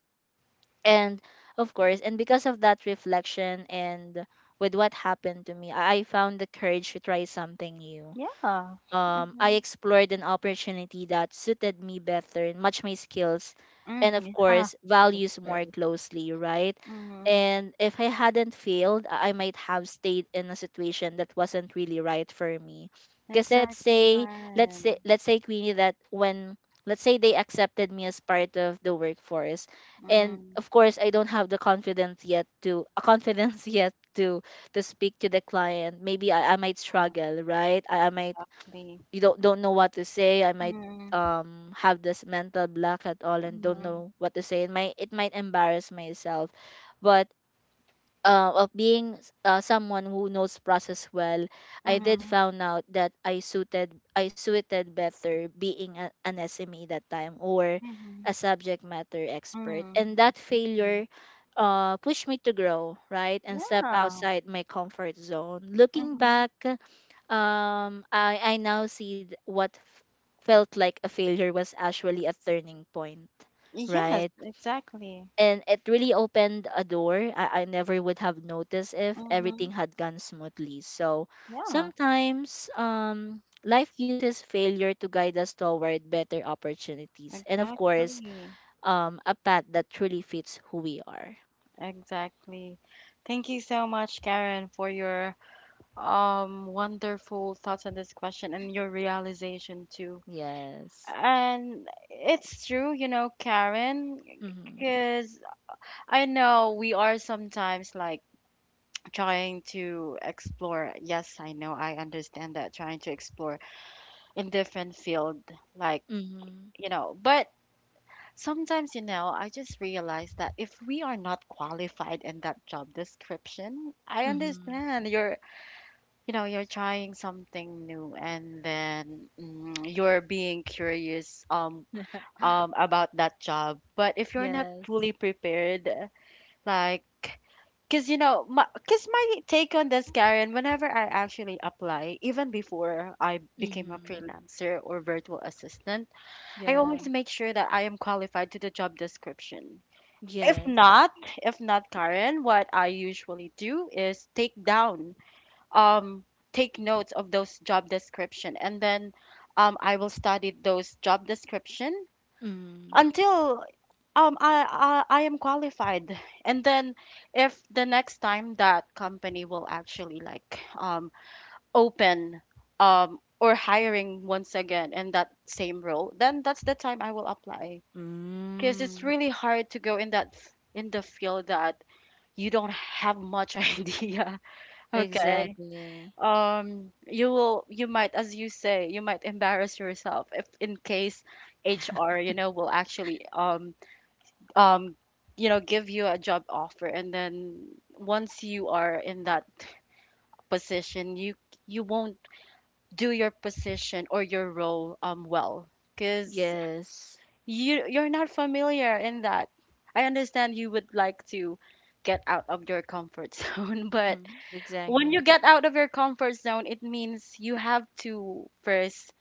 [SPEAKER 2] and of course and because of that reflection and with what happened to me, I found the courage to try something new.
[SPEAKER 1] Yeah.
[SPEAKER 2] Um, I
[SPEAKER 1] Mhm.
[SPEAKER 2] explored an opportunity that suited me better and matched my skills and, of
[SPEAKER 1] Mhm. Yeah.
[SPEAKER 2] course,
[SPEAKER 1] Of
[SPEAKER 2] values more
[SPEAKER 1] course.
[SPEAKER 2] closely, right?
[SPEAKER 1] Mhm.
[SPEAKER 2] And if I hadn't failed, I might have stayed in a situation that wasn't really right for me. Because let's
[SPEAKER 1] Exactly,
[SPEAKER 2] say, let's say,
[SPEAKER 1] Karen.
[SPEAKER 2] let's say, Queenie, let's say they accepted me as part of the workforce. And
[SPEAKER 1] Mm.
[SPEAKER 2] of course, I don't have the confidence yet a confidence yet to speak to the client. Maybe I might struggle, right? I might,
[SPEAKER 1] Exactly.
[SPEAKER 2] you don't know what to say, i might
[SPEAKER 1] Mhm.
[SPEAKER 2] um have this mental block at all and don't
[SPEAKER 1] Mhm.
[SPEAKER 2] know what to say. It might embarrass myself, but of being someone who knows process well, I did
[SPEAKER 1] Mhm.
[SPEAKER 2] found out that I suited better being an SME that time, or
[SPEAKER 1] Mhm.
[SPEAKER 2] a subject matter expert.
[SPEAKER 1] Mhm.
[SPEAKER 2] And that
[SPEAKER 1] Mhm.
[SPEAKER 2] failure pushed me to grow, right, and step
[SPEAKER 1] Yeah.
[SPEAKER 2] outside my comfort zone. Looking
[SPEAKER 1] Mhm.
[SPEAKER 2] back, I now see what felt like a failure was actually a turning point,
[SPEAKER 1] Yes,
[SPEAKER 2] right?
[SPEAKER 1] exactly.
[SPEAKER 2] And it really opened a door I never would have noticed if
[SPEAKER 1] Mm-hmm.
[SPEAKER 2] everything had gone smoothly. So
[SPEAKER 1] Yeah,
[SPEAKER 2] sometimes, life uses failure to guide us toward better opportunities, and of course,
[SPEAKER 1] exactly.
[SPEAKER 2] a path that truly fits who we are.
[SPEAKER 1] Exactly. Thank you so much, Karen, for your wonderful thoughts on this question and your realization too.
[SPEAKER 2] Yes.
[SPEAKER 1] And it's true, you know, Karen,
[SPEAKER 2] Mhm.
[SPEAKER 1] because I know we are sometimes, like, trying to explore. Yes, I know, I understand that trying to explore in different field, like,
[SPEAKER 2] Mhm.
[SPEAKER 1] you know, but sometimes, you know, I just realize that if we are not qualified in that job description, I
[SPEAKER 2] Mhm.
[SPEAKER 1] understand you're, you know, you're trying something new, and then you're being curious, about that job. But if you're not
[SPEAKER 2] Yes.
[SPEAKER 1] fully prepared, like, because, you know, cause my take on this, Karen, whenever I actually apply, even before I became a
[SPEAKER 2] Mhm.
[SPEAKER 1] freelancer or virtual assistant, I
[SPEAKER 2] Yeah.
[SPEAKER 1] always make sure that I am qualified to the job description. If
[SPEAKER 2] Yes.
[SPEAKER 1] not, Karen, what I usually do is take down, um, take notes of those job description, and then, I will study those job description
[SPEAKER 2] Mm.
[SPEAKER 1] until, I am qualified. And then, if the next time that company will actually, like, open, or hiring once again in that same role, then that's the time I will apply. Because it's
[SPEAKER 2] Mm.
[SPEAKER 1] really hard to go in that in the field that you don't have much idea. Okay.
[SPEAKER 2] Exactly.
[SPEAKER 1] You might, as you say, you might embarrass yourself if in case HR, you know, will actually, um, give you a job offer, and then, once you are in that position, you won't do your position or your role, well, because
[SPEAKER 2] Yes.
[SPEAKER 1] you're not familiar in that. I understand you would like to get out of your comfort zone, but
[SPEAKER 2] Mhm.
[SPEAKER 1] when you
[SPEAKER 2] Exactly.
[SPEAKER 1] get out of your comfort zone, it means you have to first,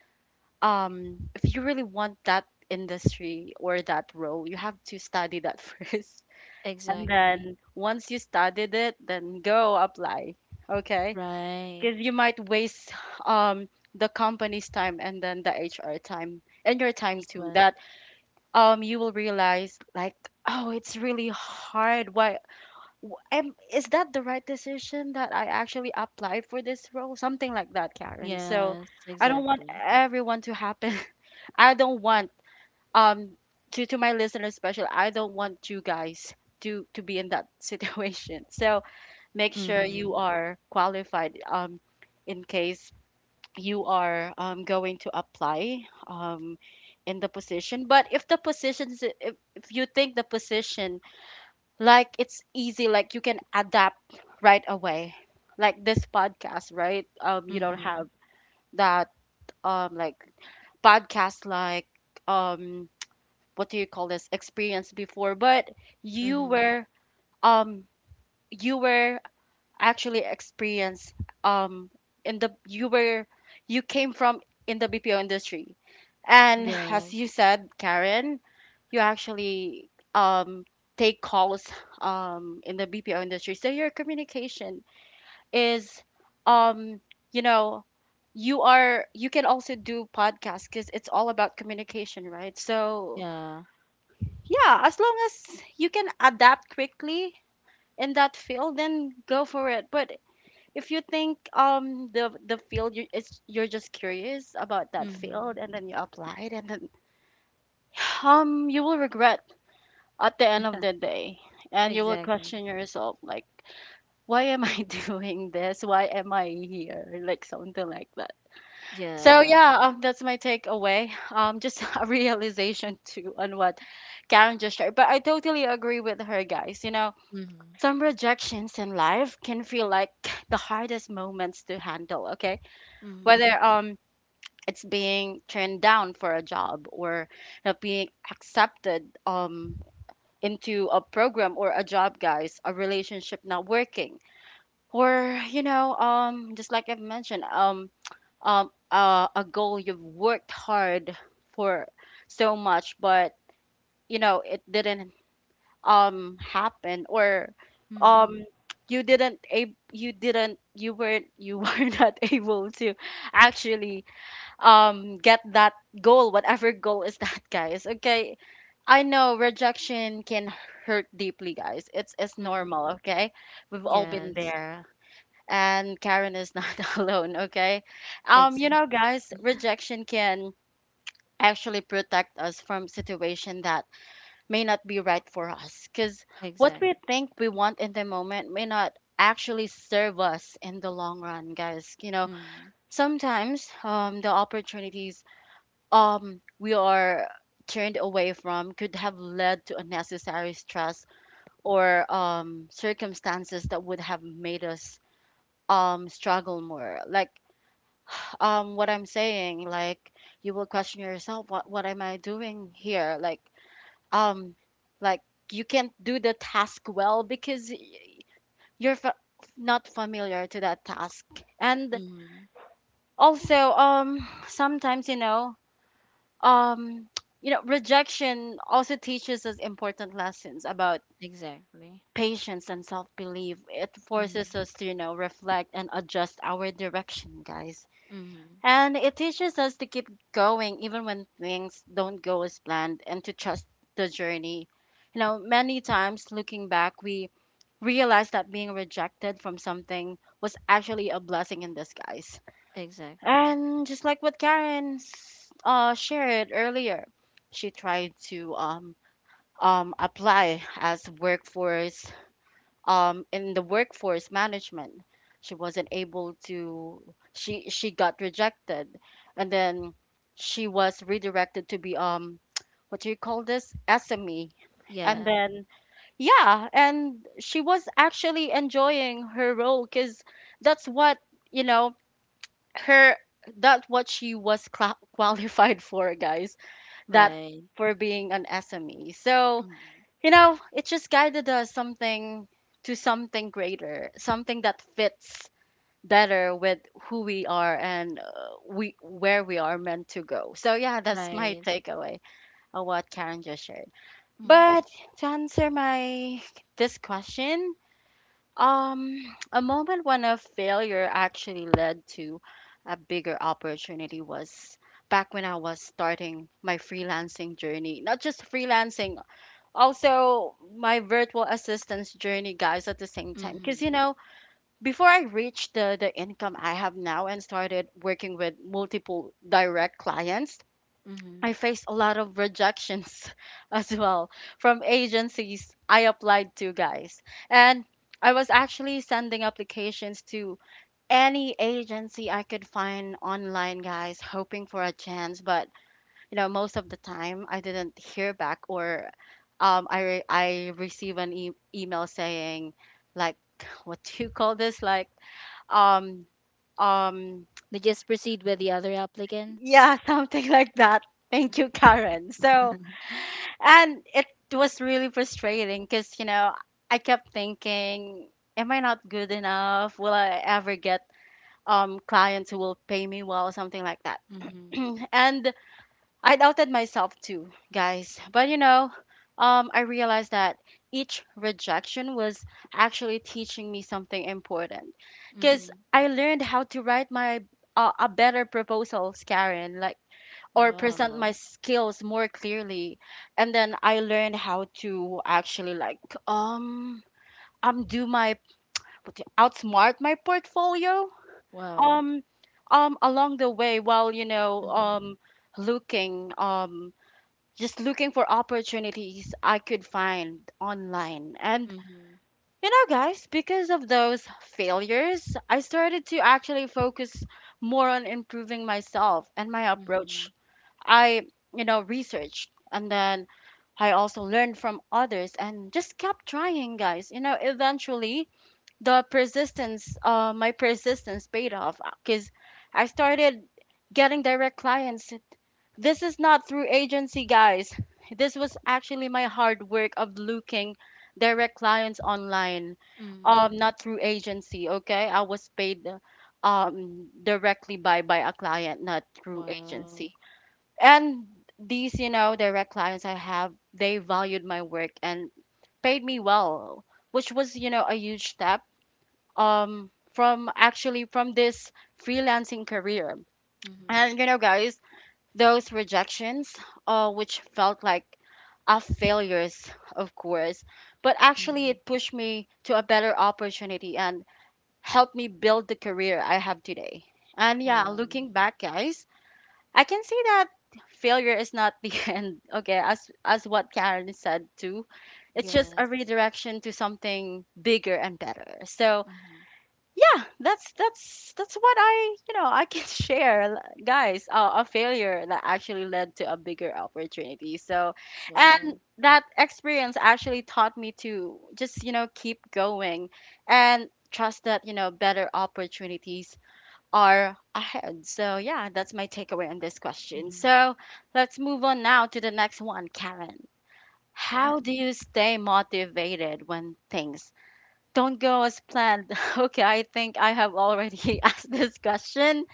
[SPEAKER 1] um, if you really want that industry or that role, you have to study that first. And
[SPEAKER 2] Exactly.
[SPEAKER 1] then, once you studied it, then go apply. Okay?
[SPEAKER 2] Right.
[SPEAKER 1] Because you might waste, um, the company's time, and then the HR time, and your time
[SPEAKER 2] As
[SPEAKER 1] too.
[SPEAKER 2] well.
[SPEAKER 1] That, you will realize, like, oh, it's really hard. Why is that the right decision that I actually applied for this role? Something like that, Karen. So
[SPEAKER 2] Yes,
[SPEAKER 1] I don't want
[SPEAKER 2] exactly.
[SPEAKER 1] everyone to happen. I don't want, um to my listeners special. I don't want you guys to be in that situation. So make sure you
[SPEAKER 2] Mm-hmm.
[SPEAKER 1] are qualified, in case you are, going to apply, in the position. But if the position is, if you think the position, like, it's easy, like you can adapt right away, like this podcast, right? You don't
[SPEAKER 2] Mm-hmm.
[SPEAKER 1] have that, like podcast, like, um what do you call this, experience before, but you
[SPEAKER 2] Mm-hmm.
[SPEAKER 1] were, um you were actually experienced, um in the you were you came from in the BPO industry. And as
[SPEAKER 2] Yes.
[SPEAKER 1] you said, Karen, you actually, take calls, in the BPO industry. So your communication is, um you know you can also do podcasts, because it's all about communication, right? So
[SPEAKER 2] Yeah.
[SPEAKER 1] yeah, as long as you can adapt quickly in that field, then go for it. But if you think, the field you're just curious about that
[SPEAKER 2] Mm-hmm.
[SPEAKER 1] field, and then you applied, and then, you will regret at the end of the day, and you will
[SPEAKER 2] Exactly.
[SPEAKER 1] question yourself, like, why am I doing this? Why am I here? Like something like that. So
[SPEAKER 2] Yeah.
[SPEAKER 1] yeah, that's my takeaway. Just a realization too on what Karen just shared. But I totally agree with her, guys. You know,
[SPEAKER 2] Mm-hmm.
[SPEAKER 1] some rejections in life can feel like the hardest moments to handle. Okay,
[SPEAKER 2] Mm-hmm.
[SPEAKER 1] whether, it's being turned down for a job, or not being accepted, into a program or a job, guys, a relationship not working, or, just like I've mentioned, a goal you've worked hard for so much, but you know it didn't, happen, or,
[SPEAKER 2] Mm-hmm.
[SPEAKER 1] um you didn't ab- you didn't you weren't you were not able to actually, get that goal, whatever goal is that, guys. Okay, I know rejection can hurt deeply, guys. It's normal,
[SPEAKER 2] Mm-hmm.
[SPEAKER 1] okay. We've all been
[SPEAKER 2] Yes.
[SPEAKER 1] there, and Karen is not alone, okay. You
[SPEAKER 2] Exactly.
[SPEAKER 1] know, guys, rejection can actually protect us from situation that may not be right for us, because what
[SPEAKER 2] Exactly.
[SPEAKER 1] we think we want in the moment may not actually serve us in the long run, guys,
[SPEAKER 2] Mm-hmm.
[SPEAKER 1] sometimes, the opportunities, we are turned away from could have led to unnecessary stress, or circumstances that would have made us struggle more, like, what I'm saying, like, you will question yourself, what am I doing here, like, um like, you can't do the task well, because you're not familiar to that task. And
[SPEAKER 2] Mm-hmm.
[SPEAKER 1] also, sometimes, um rejection also teaches us important lessons about
[SPEAKER 2] Exactly.
[SPEAKER 1] patience and self-belief. It forces
[SPEAKER 2] Mm-hmm.
[SPEAKER 1] us to, reflect and adjust our direction, guys.
[SPEAKER 2] Mm-hmm.
[SPEAKER 1] And it teaches us to keep going even when things don't go as planned, and to trust the journey. You know, many times looking back we realize that being rejected from something was actually a blessing in disguise.
[SPEAKER 2] Exactly.
[SPEAKER 1] And just like what Karen shared earlier, she tried to, apply as workforce, in the workforce management. She wasn't able to. She got rejected, and then she was redirected to be, what do you call this? SME. And
[SPEAKER 2] Yeah.
[SPEAKER 1] then, yeah, and she was actually enjoying her role because that's what, you know her she was qualified for, guys, that
[SPEAKER 2] Right.
[SPEAKER 1] for being an SME, so
[SPEAKER 2] Mm-hmm.
[SPEAKER 1] you know it just guided us, something to something greater, something that fits better with who we are and, we where we are meant to go. So yeah, that's my
[SPEAKER 2] Right.
[SPEAKER 1] takeaway of what Karen just shared.
[SPEAKER 2] Mm-hmm.
[SPEAKER 1] But to answer, my this question, um, a moment when a failure actually led to a bigger opportunity was back when I was starting my freelancing journey. Not just freelancing, also my virtual assistance journey, guys, at the same time. Because, you
[SPEAKER 2] Mm-hmm.
[SPEAKER 1] know, before I reached the income I have now and started working with multiple direct clients,
[SPEAKER 2] Mm-hmm.
[SPEAKER 1] I faced a lot of rejections as well from agencies I applied to, guys. And I was actually sending applications to any agency I could find online, guys, hoping for a chance. But, you know, most of the time I didn't hear back or I receive an email saying, like, what do you call this? Like, um, um,
[SPEAKER 2] They just proceed with the other applicants.
[SPEAKER 1] yeah, something like that. Thank you,
[SPEAKER 2] Mm-hmm.
[SPEAKER 1] Karen. So, and it was really frustrating because, you know, I kept thinking, am I not good enough? Will I ever get clients who will pay me well, or something like that?
[SPEAKER 2] Mm-hmm.
[SPEAKER 1] And I doubted myself too, guys. But, you know, I realized that each rejection was actually teaching me something important, because
[SPEAKER 2] Mm-hmm.
[SPEAKER 1] I learned how to write my a better proposals, Karen. Like, or present
[SPEAKER 2] Wow.
[SPEAKER 1] my skills more clearly. And then I learned how to actually, like, um do my outsmart my portfolio
[SPEAKER 2] Wow.
[SPEAKER 1] um along the way, while, you know
[SPEAKER 2] Mm-hmm.
[SPEAKER 1] um looking, just looking for opportunities I could find online. And,
[SPEAKER 2] Mm-hmm.
[SPEAKER 1] you know, guys, because of those failures, I started to actually focus more on improving myself and my
[SPEAKER 2] Mm-hmm.
[SPEAKER 1] approach. I, you know, researched, and then I also learned from others and just kept trying, guys. You know, eventually the persistence, my persistence paid off, because I started getting direct clients. This is not through agency, guys. This was actually my hard work of looking direct clients online,
[SPEAKER 2] Mm-hmm.
[SPEAKER 1] not through agency. Okay, I was paid directly by a client, not through
[SPEAKER 2] Wow.
[SPEAKER 1] agency. And these, you know, direct clients I have, they valued my work and paid me well, which was, you know, a huge step from, actually, from this freelancing career.
[SPEAKER 2] Mm-hmm.
[SPEAKER 1] And you know, guys, those rejections, which felt like a failures, of course, but actually
[SPEAKER 2] Mm-hmm.
[SPEAKER 1] it pushed me to a better opportunity and helped me build the career I have today. And yeah,
[SPEAKER 2] Wow.
[SPEAKER 1] looking back, guys, I can say that failure is not the end. Okay, as what Karen said too, it's just a
[SPEAKER 2] Yes.
[SPEAKER 1] redirection to something bigger and better. So
[SPEAKER 2] Mm-hmm.
[SPEAKER 1] yeah, that's what I, you know, I can share, guys. A failure that actually led to a bigger opportunity. So,
[SPEAKER 2] Wow.
[SPEAKER 1] and that experience actually taught me to just, you know, keep going and trust that, you know, better opportunities are ahead. So, yeah, that's my takeaway on this question.
[SPEAKER 2] Mm-hmm.
[SPEAKER 1] So, let's move on now to the next one, Karen.
[SPEAKER 2] Sure.
[SPEAKER 1] How do you stay motivated when things don't go as planned? Okay, I think I have already asked this question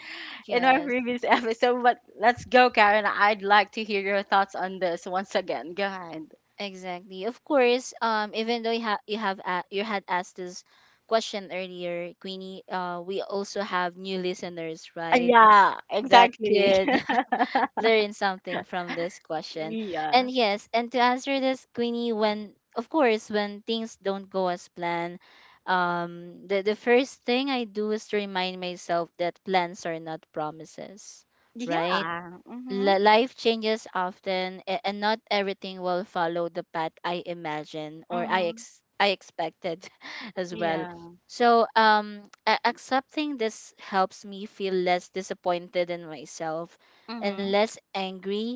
[SPEAKER 1] in our
[SPEAKER 2] Yes.
[SPEAKER 1] previous episode, but let's go, Karen. I'd like to hear your thoughts on this once again. Go ahead.
[SPEAKER 2] Exactly. Of course, even though you had asked this question earlier, Queenie, we also have new listeners, right?
[SPEAKER 1] Yeah,
[SPEAKER 2] That
[SPEAKER 1] exactly.
[SPEAKER 2] could learn something from this question. And
[SPEAKER 1] Yeah.
[SPEAKER 2] yes, and to answer this, Queenie, when of course when things don't go as planned, the first thing I do is to remind myself that plans are not promises, right?
[SPEAKER 1] Yeah. Mm-hmm.
[SPEAKER 2] Life changes often, and not everything will follow the path I imagine, or i
[SPEAKER 1] Mm-hmm.
[SPEAKER 2] ex- i expected as well.
[SPEAKER 1] Yeah.
[SPEAKER 2] So accepting this helps me feel less disappointed in myself and
[SPEAKER 1] Mm-hmm.
[SPEAKER 2] less angry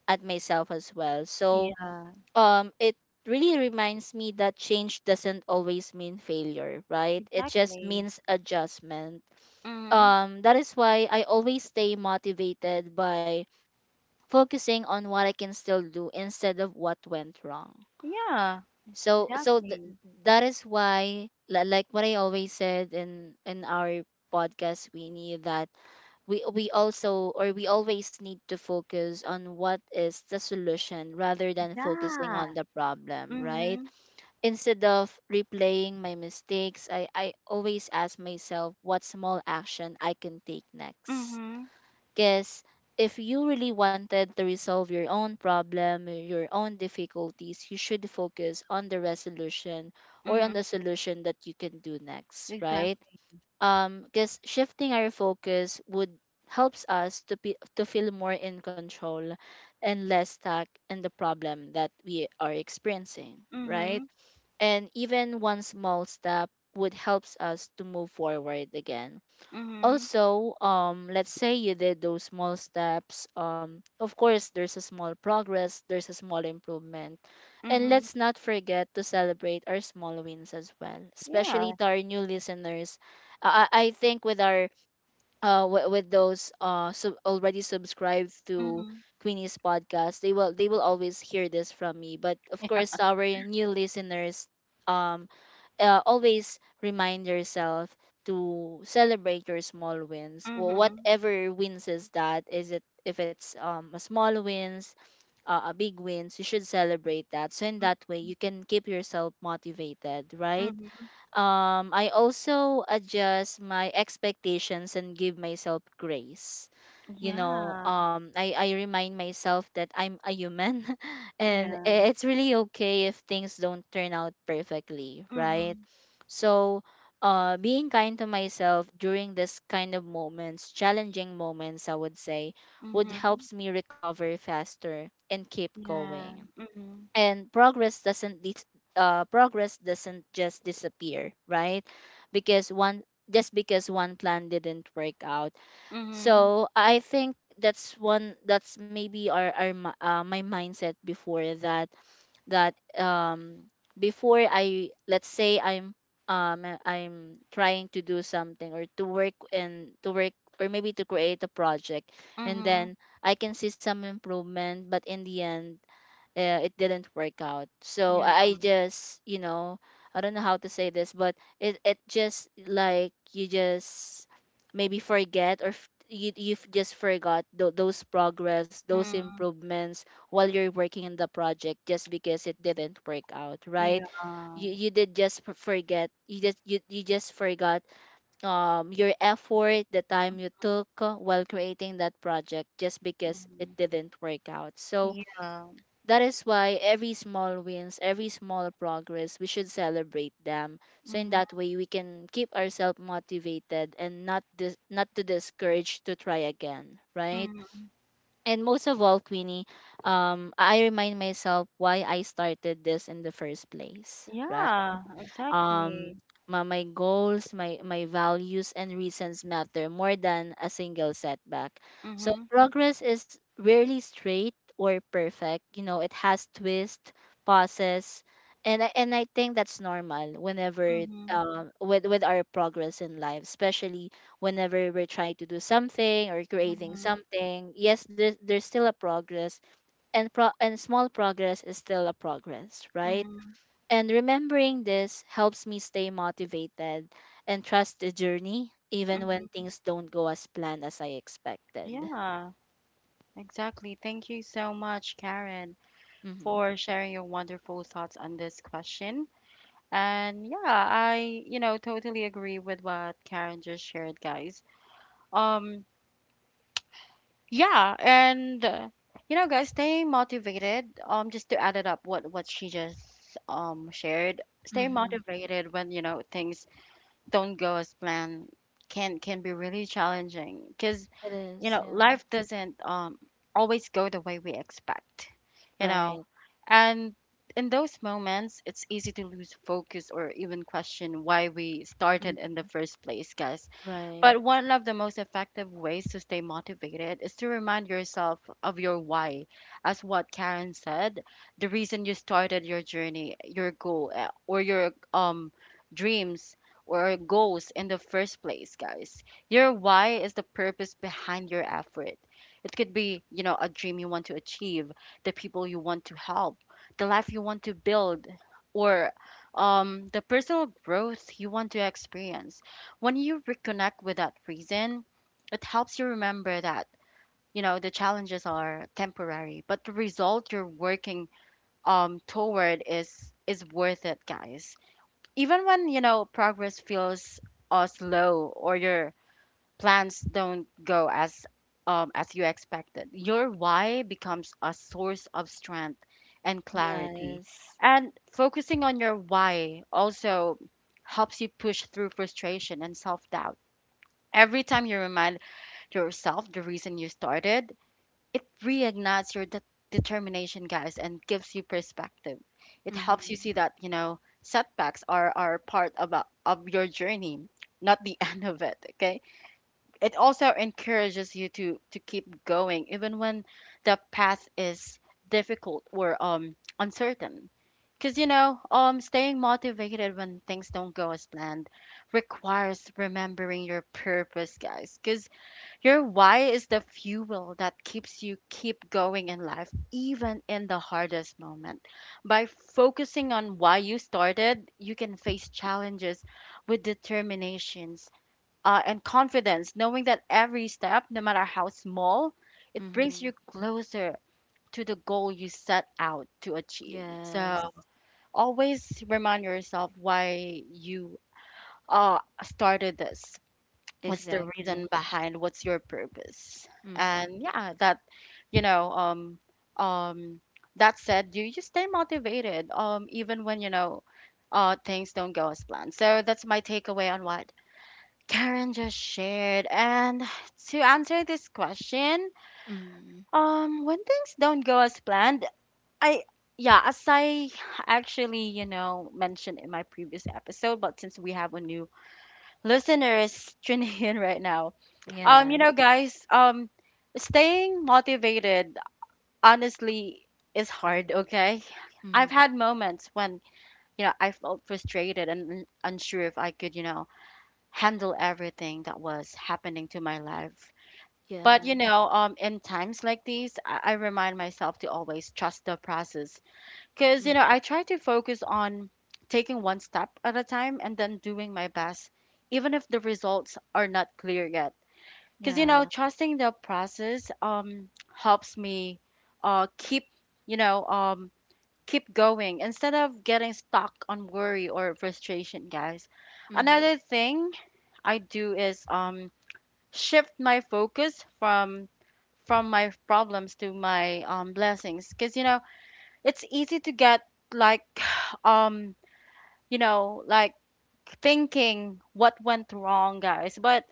[SPEAKER 2] at myself as well. so
[SPEAKER 1] Yeah.
[SPEAKER 2] um it really reminds me that change doesn't always mean failure, right? It just
[SPEAKER 1] Exactly.
[SPEAKER 2] means adjustment.
[SPEAKER 1] Mhm.
[SPEAKER 2] That is why I always stay motivated by focusing on what I can still do instead of what went wrong.
[SPEAKER 1] Yeah,
[SPEAKER 2] So
[SPEAKER 1] exactly.
[SPEAKER 2] that is why, like what I always said in our podcast, we need that we also or we always need to focus on what is the solution rather than focusing
[SPEAKER 1] Yeah.
[SPEAKER 2] on the problem, right?
[SPEAKER 1] Mhm.
[SPEAKER 2] Instead of replaying my mistakes, I always ask myself what small action I can take next,
[SPEAKER 1] Mhm.
[SPEAKER 2] because if you really wanted to resolve your own problem, your own difficulties, you should focus on the resolution or on
[SPEAKER 1] Mhm.
[SPEAKER 2] the solution that you can do next, right?
[SPEAKER 1] Exactly.
[SPEAKER 2] Because shifting our focus would helps us to be, to feel more in control and less stuck in the problem that we are experiencing, right?
[SPEAKER 1] Mhm.
[SPEAKER 2] And even one small step would helps us to move forward again.
[SPEAKER 1] Mhm.
[SPEAKER 2] Also, let's say you did those small steps, of course there's a small progress, there's a small improvement. And
[SPEAKER 1] Mhm.
[SPEAKER 2] let's not forget to celebrate our small wins as well, especially
[SPEAKER 1] Yeah.
[SPEAKER 2] to our new listeners. I think, with with those already subscribed to
[SPEAKER 1] Mhm.
[SPEAKER 2] Queenie's podcast, they will, they will always hear this from me. But of course, to our new listeners, um always remind yourself to celebrate your small wins.
[SPEAKER 1] Mhm.
[SPEAKER 2] Whatever wins is that, is it if it's a small wins, a big wins, you should celebrate that. So in that way,
[SPEAKER 1] Mhm.
[SPEAKER 2] you can keep yourself motivated, right?
[SPEAKER 1] Mhm.
[SPEAKER 2] I also adjust my expectations and give myself grace. You know,
[SPEAKER 1] Yeah.
[SPEAKER 2] I remind myself that I'm a human and
[SPEAKER 1] Yeah.
[SPEAKER 2] it's really okay if things don't turn out perfectly, right?
[SPEAKER 1] Mhm.
[SPEAKER 2] So, being kind to myself during this kind of moments, challenging moments, I would say, would
[SPEAKER 1] Mhm.
[SPEAKER 2] helps me recover faster and keep
[SPEAKER 1] Yeah.
[SPEAKER 2] going.
[SPEAKER 1] Mhm.
[SPEAKER 2] And progress doesn't just disappear, right, because one because one plan didn't work out.
[SPEAKER 1] Mhm.
[SPEAKER 2] So I think that's maybe my mindset before That before I let's say I'm trying to do something or to work, or maybe to create a project. And
[SPEAKER 1] Mhm.
[SPEAKER 2] then I can see some improvement, but in the end, it didn't work out. So
[SPEAKER 1] Yeah.
[SPEAKER 2] I just, I don't know how to say this, but it just like, you just maybe forget, or you've just forgot those progress, those
[SPEAKER 1] Mhm.
[SPEAKER 2] improvements, while you're working in the project just because it didn't work out, right?
[SPEAKER 1] Yeah.
[SPEAKER 2] You did just forget. You just forgot your effort, the time you took, while creating that project just because it
[SPEAKER 1] Mhm.
[SPEAKER 2] didn't work out. So
[SPEAKER 1] Yeah.
[SPEAKER 2] that is why every small wins, every small progress, we should celebrate them. So in
[SPEAKER 1] Mhm.
[SPEAKER 2] that way, we can keep ourselves motivated, and not to discourage to try again, right?
[SPEAKER 1] Mhm.
[SPEAKER 2] And most of all, Queenie, I remind myself why I started this in the first place, right?
[SPEAKER 1] Yeah.
[SPEAKER 2] um
[SPEAKER 1] Exactly.
[SPEAKER 2] my goals, my values and reasons matter more than a single setback. So
[SPEAKER 1] Mhm.
[SPEAKER 2] progress is rarely straight or perfect. It has twists, pauses, and I think that's normal whenever,
[SPEAKER 1] Mhm.
[SPEAKER 2] with our progress in life, especially whenever we're trying to do something or creating
[SPEAKER 1] Mhm.
[SPEAKER 2] something, yes, there's still a progress. And small progress is still a progress, right?
[SPEAKER 1] Mhm.
[SPEAKER 2] And remembering this helps me stay motivated and trust the journey, even when
[SPEAKER 1] Mhm.
[SPEAKER 2] things don't go as planned as I expected.
[SPEAKER 1] Yeah, exactly. Thank you so much, Karen,
[SPEAKER 2] Mm-hmm.
[SPEAKER 1] for sharing your wonderful thoughts on this question. And yeah, I, you know, totally agree with what Karen just shared, guys. Um, yeah, and you know, guys, stay motivated. Just to add it up, what she just shared, stay
[SPEAKER 2] Mm-hmm.
[SPEAKER 1] motivated when, you know, things don't go as planned can be really challenging, because,
[SPEAKER 2] It
[SPEAKER 1] you
[SPEAKER 2] is,
[SPEAKER 1] know,
[SPEAKER 2] yeah.
[SPEAKER 1] life doesn't always go the way we expect, you know.
[SPEAKER 2] Right.
[SPEAKER 1] And in those moments it's easy to lose focus or even question why we
[SPEAKER 2] Mm,
[SPEAKER 1] started in the first place, guys.
[SPEAKER 2] right.
[SPEAKER 1] But one of the most effective ways to stay motivated is to remind yourself of your why. As what Karen said, the reason you started your journey, your goal, or your dreams or goals in the first place, guys. Your why is the purpose behind your effort. It could be, you know, a dream you want to achieve, the people you want to help, the life you want to build, or the personal growth you want to experience. When you reconnect with that reason, it helps you remember that, you know, the challenges are temporary, but the result you're working toward is worth it, guys. Even when, you know, progress feels slow, or your plans don't go as you expected, your why becomes a source of strength and clarity.
[SPEAKER 2] Yes.
[SPEAKER 1] And focusing on your why also helps you push through frustration and self doubt. Every time you remind yourself the reason you started, it reignites your determination, guys, and gives you perspective. It helps you
[SPEAKER 2] Mm-hmm.
[SPEAKER 1] see that, you know, setbacks are part of, of your journey, not the end of it, okay? It also encourages you to keep going, even when the path is difficult or uncertain. Because, you know, staying motivated when things don't go as planned requires remembering your purpose, guys, because. Your why is the fuel that keeps you keep going in life, even in the hardest moment. By focusing on why you started, you can face challenges with determinations and confidence, knowing that every step, no matter how small, it brings you
[SPEAKER 2] Mm-hmm.
[SPEAKER 1] closer to the goal you set out to achieve.
[SPEAKER 2] Yes.
[SPEAKER 1] So always remind yourself why you started this, what's the reason
[SPEAKER 2] Exactly.
[SPEAKER 1] behind, what's your purpose.
[SPEAKER 2] Mm-hmm.
[SPEAKER 1] And yeah, that, you know, um that said, you stay motivated even when, you know, things don't go as planned. So that's my takeaway on what Karen just shared. And to answer this question,
[SPEAKER 2] Mm-hmm.
[SPEAKER 1] when things don't go as planned, I yeah as I actually, you know, mentioned in my previous episode, but since we have a new listeners tuning in right now,
[SPEAKER 2] Yeah.
[SPEAKER 1] you know, guys, staying motivated honestly is hard, okay? I've
[SPEAKER 2] Mm-hmm.
[SPEAKER 1] had moments when, you know, I felt frustrated and unsure if I could, you know, handle everything that was happening to my life. But,
[SPEAKER 2] Yeah.
[SPEAKER 1] you know, in times like these, I remind myself to always trust the process, because, you
[SPEAKER 2] Mm-hmm.
[SPEAKER 1] know, I try to focus on taking one step at a time and then doing my best, even if the results are not clear yet, because, you know,
[SPEAKER 2] Yeah.
[SPEAKER 1] trusting the process helps me keep, you know, keep going instead of getting stuck on worry or frustration, guys.
[SPEAKER 2] Mm-hmm.
[SPEAKER 1] Another thing I do is shift my focus from my problems to my blessings, because, you know, it's easy to get, like, um you know, like, thinking what went wrong, guys. But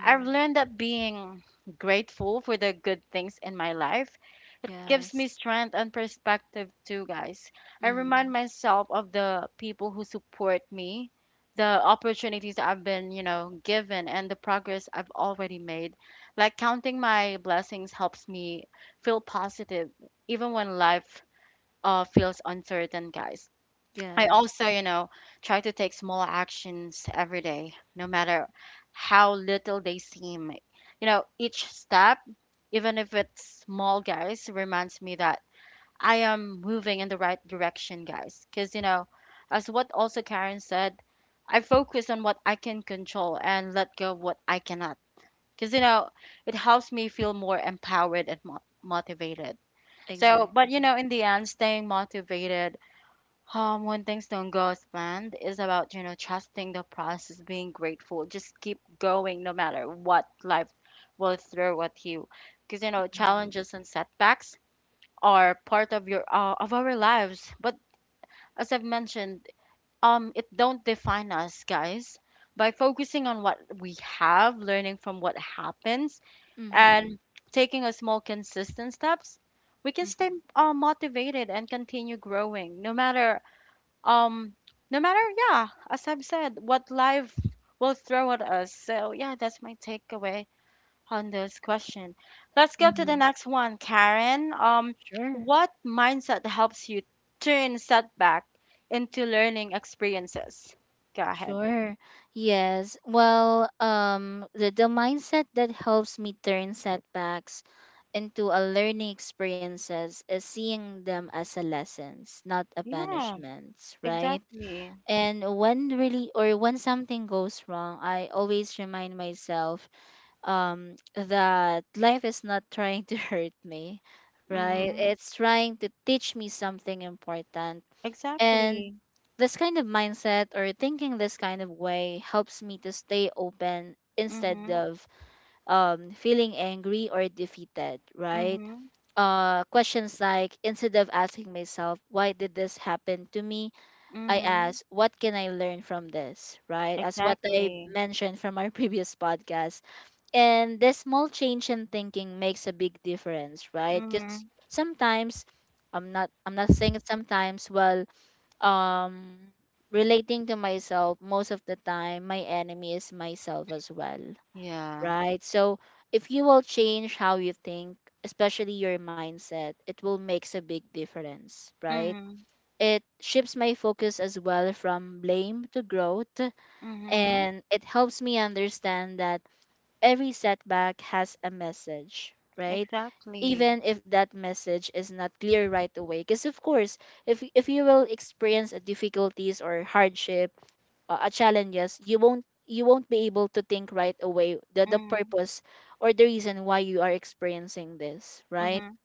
[SPEAKER 1] I've learned that being grateful for the good things in my life, it gives me
[SPEAKER 2] Yes.
[SPEAKER 1] strength and perspective too, guys. I remind
[SPEAKER 2] Mm-hmm.
[SPEAKER 1] myself of the people who support me, the opportunities I've been, you know, given, and the progress I've already made. Like, counting my blessings helps me feel positive even when life feels uncertain, guys. I also,
[SPEAKER 2] Yes.
[SPEAKER 1] you know, try to take small actions every day, no matter how little they seem. You know, each step, even if it's small, guys, reminds me that I am moving in the right direction, guys. Because, you know, as what also Karen said, I focus on what I can control and let go of what I cannot. Because, you know, it helps me feel more empowered and motivated. So, but, you
[SPEAKER 2] Exactly.
[SPEAKER 1] know, in the end, staying motivated when things don't go as planned is about, you know, trusting the process, being grateful. Just keep going no matter what life will throw at you. Because, you know,
[SPEAKER 2] Mm-hmm.
[SPEAKER 1] challenges and setbacks are part of your of our lives. But as I've mentioned, it don't define us, guys. By focusing on what we have, learning from what happens,
[SPEAKER 2] Mm-hmm.
[SPEAKER 1] and taking a small consistent steps, we can stay
[SPEAKER 2] Mm-hmm.
[SPEAKER 1] motivated and continue growing, no matter um no matter yeah, as I've said, what life will throw at us. So yeah, that's my takeaway on this question. Let's go to the
[SPEAKER 2] Mm-hmm.
[SPEAKER 1] next one, Karen.
[SPEAKER 2] Sure.
[SPEAKER 1] What mindset helps you turn setback into learning experiences? Go ahead.
[SPEAKER 2] Sure. Yes. Well, the mindset that helps me turn setbacks into a learning experiences is seeing them as a lessons, not a
[SPEAKER 1] Yeah,
[SPEAKER 2] punishments, right?
[SPEAKER 1] exactly.
[SPEAKER 2] And when really or when something goes wrong, I always remind myself that life is not trying to hurt me, right?
[SPEAKER 1] Mm-hmm.
[SPEAKER 2] It's trying to teach me something important. And
[SPEAKER 1] Exactly.
[SPEAKER 2] this kind of mindset, or thinking this kind of way, helps me to stay open instead
[SPEAKER 1] Mm-hmm.
[SPEAKER 2] of feeling angry or defeated, right?
[SPEAKER 1] Mm-hmm.
[SPEAKER 2] Questions like, instead of asking myself, why did this happen to me? I
[SPEAKER 1] Mm-hmm.
[SPEAKER 2] ask, what can I learn from this, right? As what I
[SPEAKER 1] Exactly.
[SPEAKER 2] mentioned from our previous podcast. And this small change in thinking makes a big difference, right? Because
[SPEAKER 1] Mm-hmm.
[SPEAKER 2] sometimes, I'm not saying sometimes, well, um relating to myself, most of the time my enemy is myself as well,
[SPEAKER 1] Yeah.
[SPEAKER 2] right? So if you will change how you think, especially your mindset, it will makes a big difference, right?
[SPEAKER 1] Mm-hmm.
[SPEAKER 2] It shifts my focus as well from blame to growth,
[SPEAKER 1] Mm-hmm.
[SPEAKER 2] and it helps me understand that every setback has a message, right?
[SPEAKER 1] Exactly.
[SPEAKER 2] Even if that message is not clear right away, because of course, if you will experience a difficulties or hardship, a challenges, you won't be able to think right away the
[SPEAKER 1] Mhm,
[SPEAKER 2] purpose or the reason why you are experiencing this, right?
[SPEAKER 1] mhm,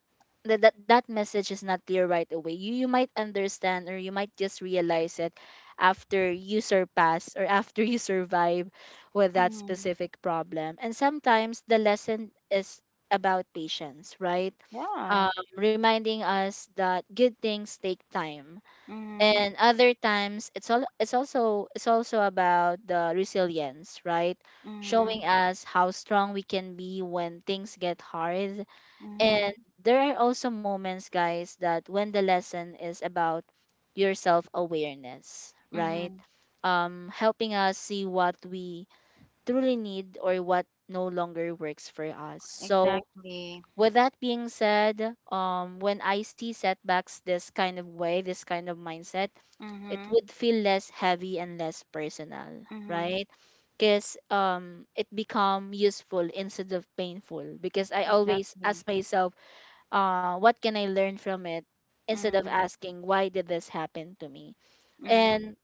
[SPEAKER 2] That message is not clear right away. You might understand, or you might just realize it after you surpass or after you survive with that
[SPEAKER 1] mhm.
[SPEAKER 2] specific problem. And sometimes the lesson is about patience, right? um,
[SPEAKER 1] Yeah.
[SPEAKER 2] reminding us that good things take time.
[SPEAKER 1] Mhm,
[SPEAKER 2] And other times, it's also about the resilience, right? Showing
[SPEAKER 1] mhm,
[SPEAKER 2] us how strong we can be when things get hard.
[SPEAKER 1] mhm,
[SPEAKER 2] And there are also moments, guys, that when the lesson is about your self awareness, right?
[SPEAKER 1] mhm.
[SPEAKER 2] Helping us see what we truly need or what no longer works for us. So,
[SPEAKER 1] Exactly.
[SPEAKER 2] with that being said, when I see setbacks this kind of way, this kind of mindset, it
[SPEAKER 1] Mhm,
[SPEAKER 2] would feel less heavy and less personal,
[SPEAKER 1] mhm.
[SPEAKER 2] right? Because it become useful instead of painful. Because I always
[SPEAKER 1] Exactly.
[SPEAKER 2] ask myself, what can I learn from it instead of
[SPEAKER 1] Mhm,
[SPEAKER 2] asking why did this happen to me?
[SPEAKER 1] mhm.
[SPEAKER 2] And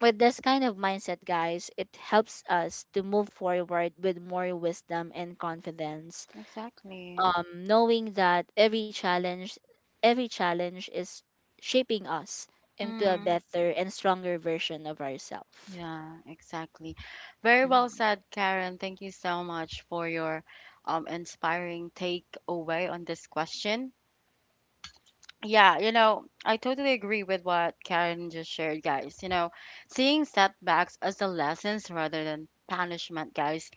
[SPEAKER 2] with this kind of mindset, guys, it helps us to move forward with more wisdom and confidence,
[SPEAKER 1] Exactly.
[SPEAKER 2] knowing that every challenge is shaping us into a
[SPEAKER 1] Mhm.
[SPEAKER 2] better and stronger version of ourselves.
[SPEAKER 1] Yeah, exactly. Very well
[SPEAKER 2] Mm-hmm.
[SPEAKER 1] said, Karen. Thank you so much for your inspiring takeaway on this question. Yeah, you know, I totally agree with what Karen just shared, guys. You know, seeing setbacks as the lessons rather than punishment, guys,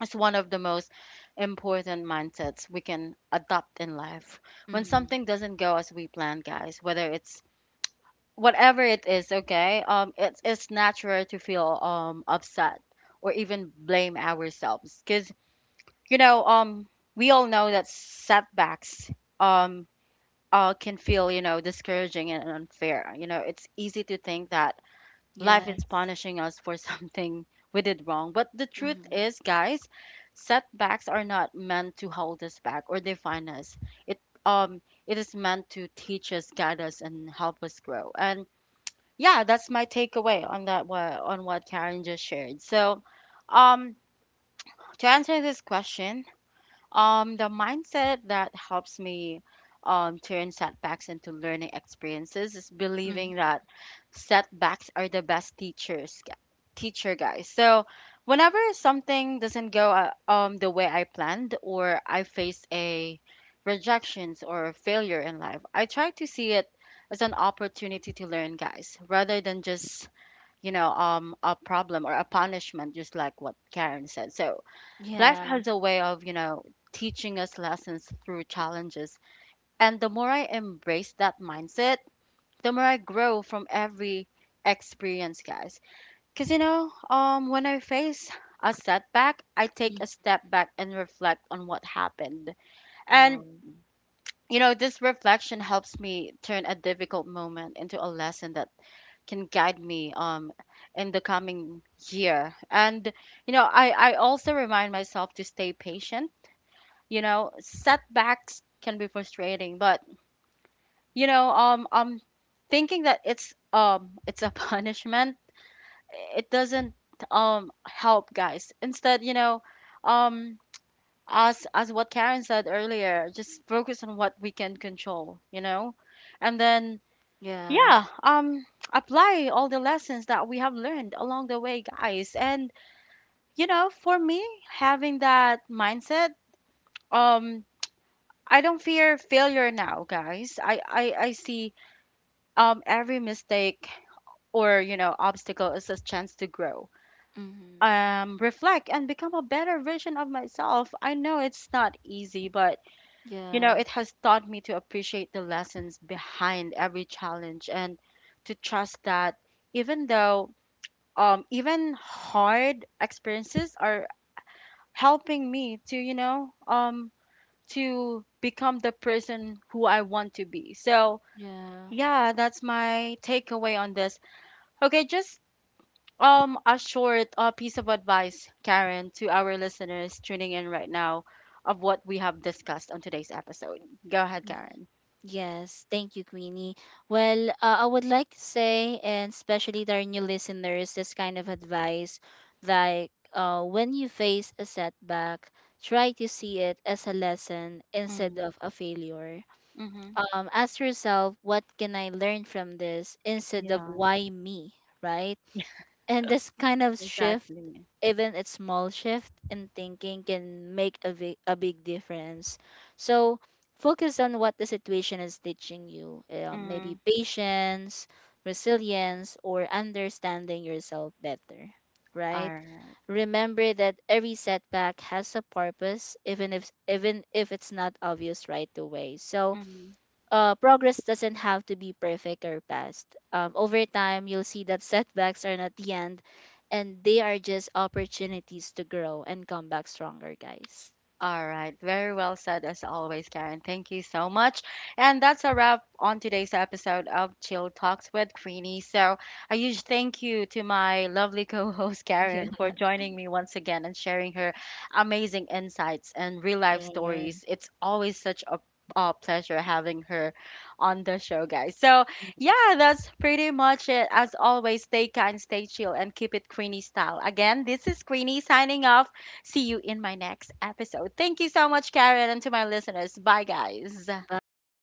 [SPEAKER 1] is one of the most important mindsets we can adopt in life. When
[SPEAKER 2] Mm-hmm.
[SPEAKER 1] something doesn't go as we planned, guys, whether it's whatever it is, okay, it's natural to feel upset or even blame ourselves, because, you know, we all know that setbacks, um can feel, you know, discouraging and unfair. You know, it's easy to think that life is
[SPEAKER 2] Yes.
[SPEAKER 1] punishing us for something we did wrong. But the truth
[SPEAKER 2] Mm-hmm.
[SPEAKER 1] is, guys, setbacks are not meant to hold us back or define us. It um it is meant to teach us, guide us, and help us grow. And yeah, that's my takeaway on that on what Karen just shared. So, um, to answer this question, the mindset that helps me turn setbacks into learning experiences is believing that
[SPEAKER 2] Mm-hmm.
[SPEAKER 1] setbacks are the best teachers, teacher, guys. So whenever something doesn't go the way I planned, or I face a rejections or failure in life, I try to see it as an opportunity to learn, guys, rather than just, you know, a problem or a punishment, just like what Karen said. So life
[SPEAKER 2] Yeah.
[SPEAKER 1] has a way of, you know, teaching us lessons through challenges. And the more I embrace that mindset, the more I grow from every experience, guys. Because, you know, when I face a setback, I take
[SPEAKER 2] Mm.
[SPEAKER 1] a step back and reflect on what happened. And,
[SPEAKER 2] Wow.
[SPEAKER 1] you know, this reflection helps me turn a difficult moment into a lesson that can guide me in the coming year. And, you know, I also remind myself to stay patient. You know, setbacks can be frustrating, but, you know, thinking that it's a punishment, it doesn't help, guys. Instead, you know, um as what Karen said earlier, just focus on what we can control, you know, and then
[SPEAKER 2] Yeah.
[SPEAKER 1] yeah, apply all the lessons that we have learned along the way, guys. And you know, for me, having that mindset, um I don't fear failure now, guys. I see every mistake or, you know, obstacle as a chance to grow,
[SPEAKER 2] Mm-hmm.
[SPEAKER 1] reflect, and become a better version of myself. I know it's not easy, but, you know,
[SPEAKER 2] Yes.
[SPEAKER 1] it has taught me to appreciate the lessons behind every challenge and to trust that even though even hard experiences are helping me to, you know, to become the person who I want to be. So,
[SPEAKER 2] Yeah.
[SPEAKER 1] yeah, that's my takeaway on this. Okay, just a short piece of advice, Karen, to our listeners tuning in right now of what we have discussed on today's episode. Go ahead,
[SPEAKER 2] Ye-
[SPEAKER 1] Karen.
[SPEAKER 2] Yes. Thank you, Queenie. Well, I would like to say, and especially to our new listeners, this kind of advice like, when you face a setback, try to see it as a lesson instead
[SPEAKER 1] Mm-hmm.
[SPEAKER 2] of a failure. Ask yourself, what can I learn from this instead of
[SPEAKER 1] Yeah,
[SPEAKER 2] why me? Right? And this kind of shift,
[SPEAKER 1] exactly.
[SPEAKER 2] even a small shift in thinking, can make a big difference. So focus on what the situation is teaching you.
[SPEAKER 1] Mm-hmm.
[SPEAKER 2] Maybe patience, resilience, or understanding yourself better,
[SPEAKER 1] All
[SPEAKER 2] right?
[SPEAKER 1] right.
[SPEAKER 2] Remember that every setback has a purpose, even if it's not obvious right away. So
[SPEAKER 1] Mm-hmm.
[SPEAKER 2] progress doesn't have to be perfect or fast. Over time, you'll see that setbacks are not the end, and they are just opportunities to grow and come back stronger, guys.
[SPEAKER 1] All right. Very well said, as always, Karen. Thank you so much. And that's a wrap on today's episode of Chill Talks with Queenie. So, a huge thank you to my lovely co host, Karen, for joining me once again and sharing her amazing insights and real life
[SPEAKER 2] Yeah. Sure.
[SPEAKER 1] stories. It's always such a pleasure having her on the show, guys. So, yeah, that's pretty much it. As always, stay kind, stay chill, and keep it Queenie style. Again, this is Queenie signing off. See you in my next episode. Thank you so much, Karen, and to my listeners. Bye, guys.
[SPEAKER 2] Bye.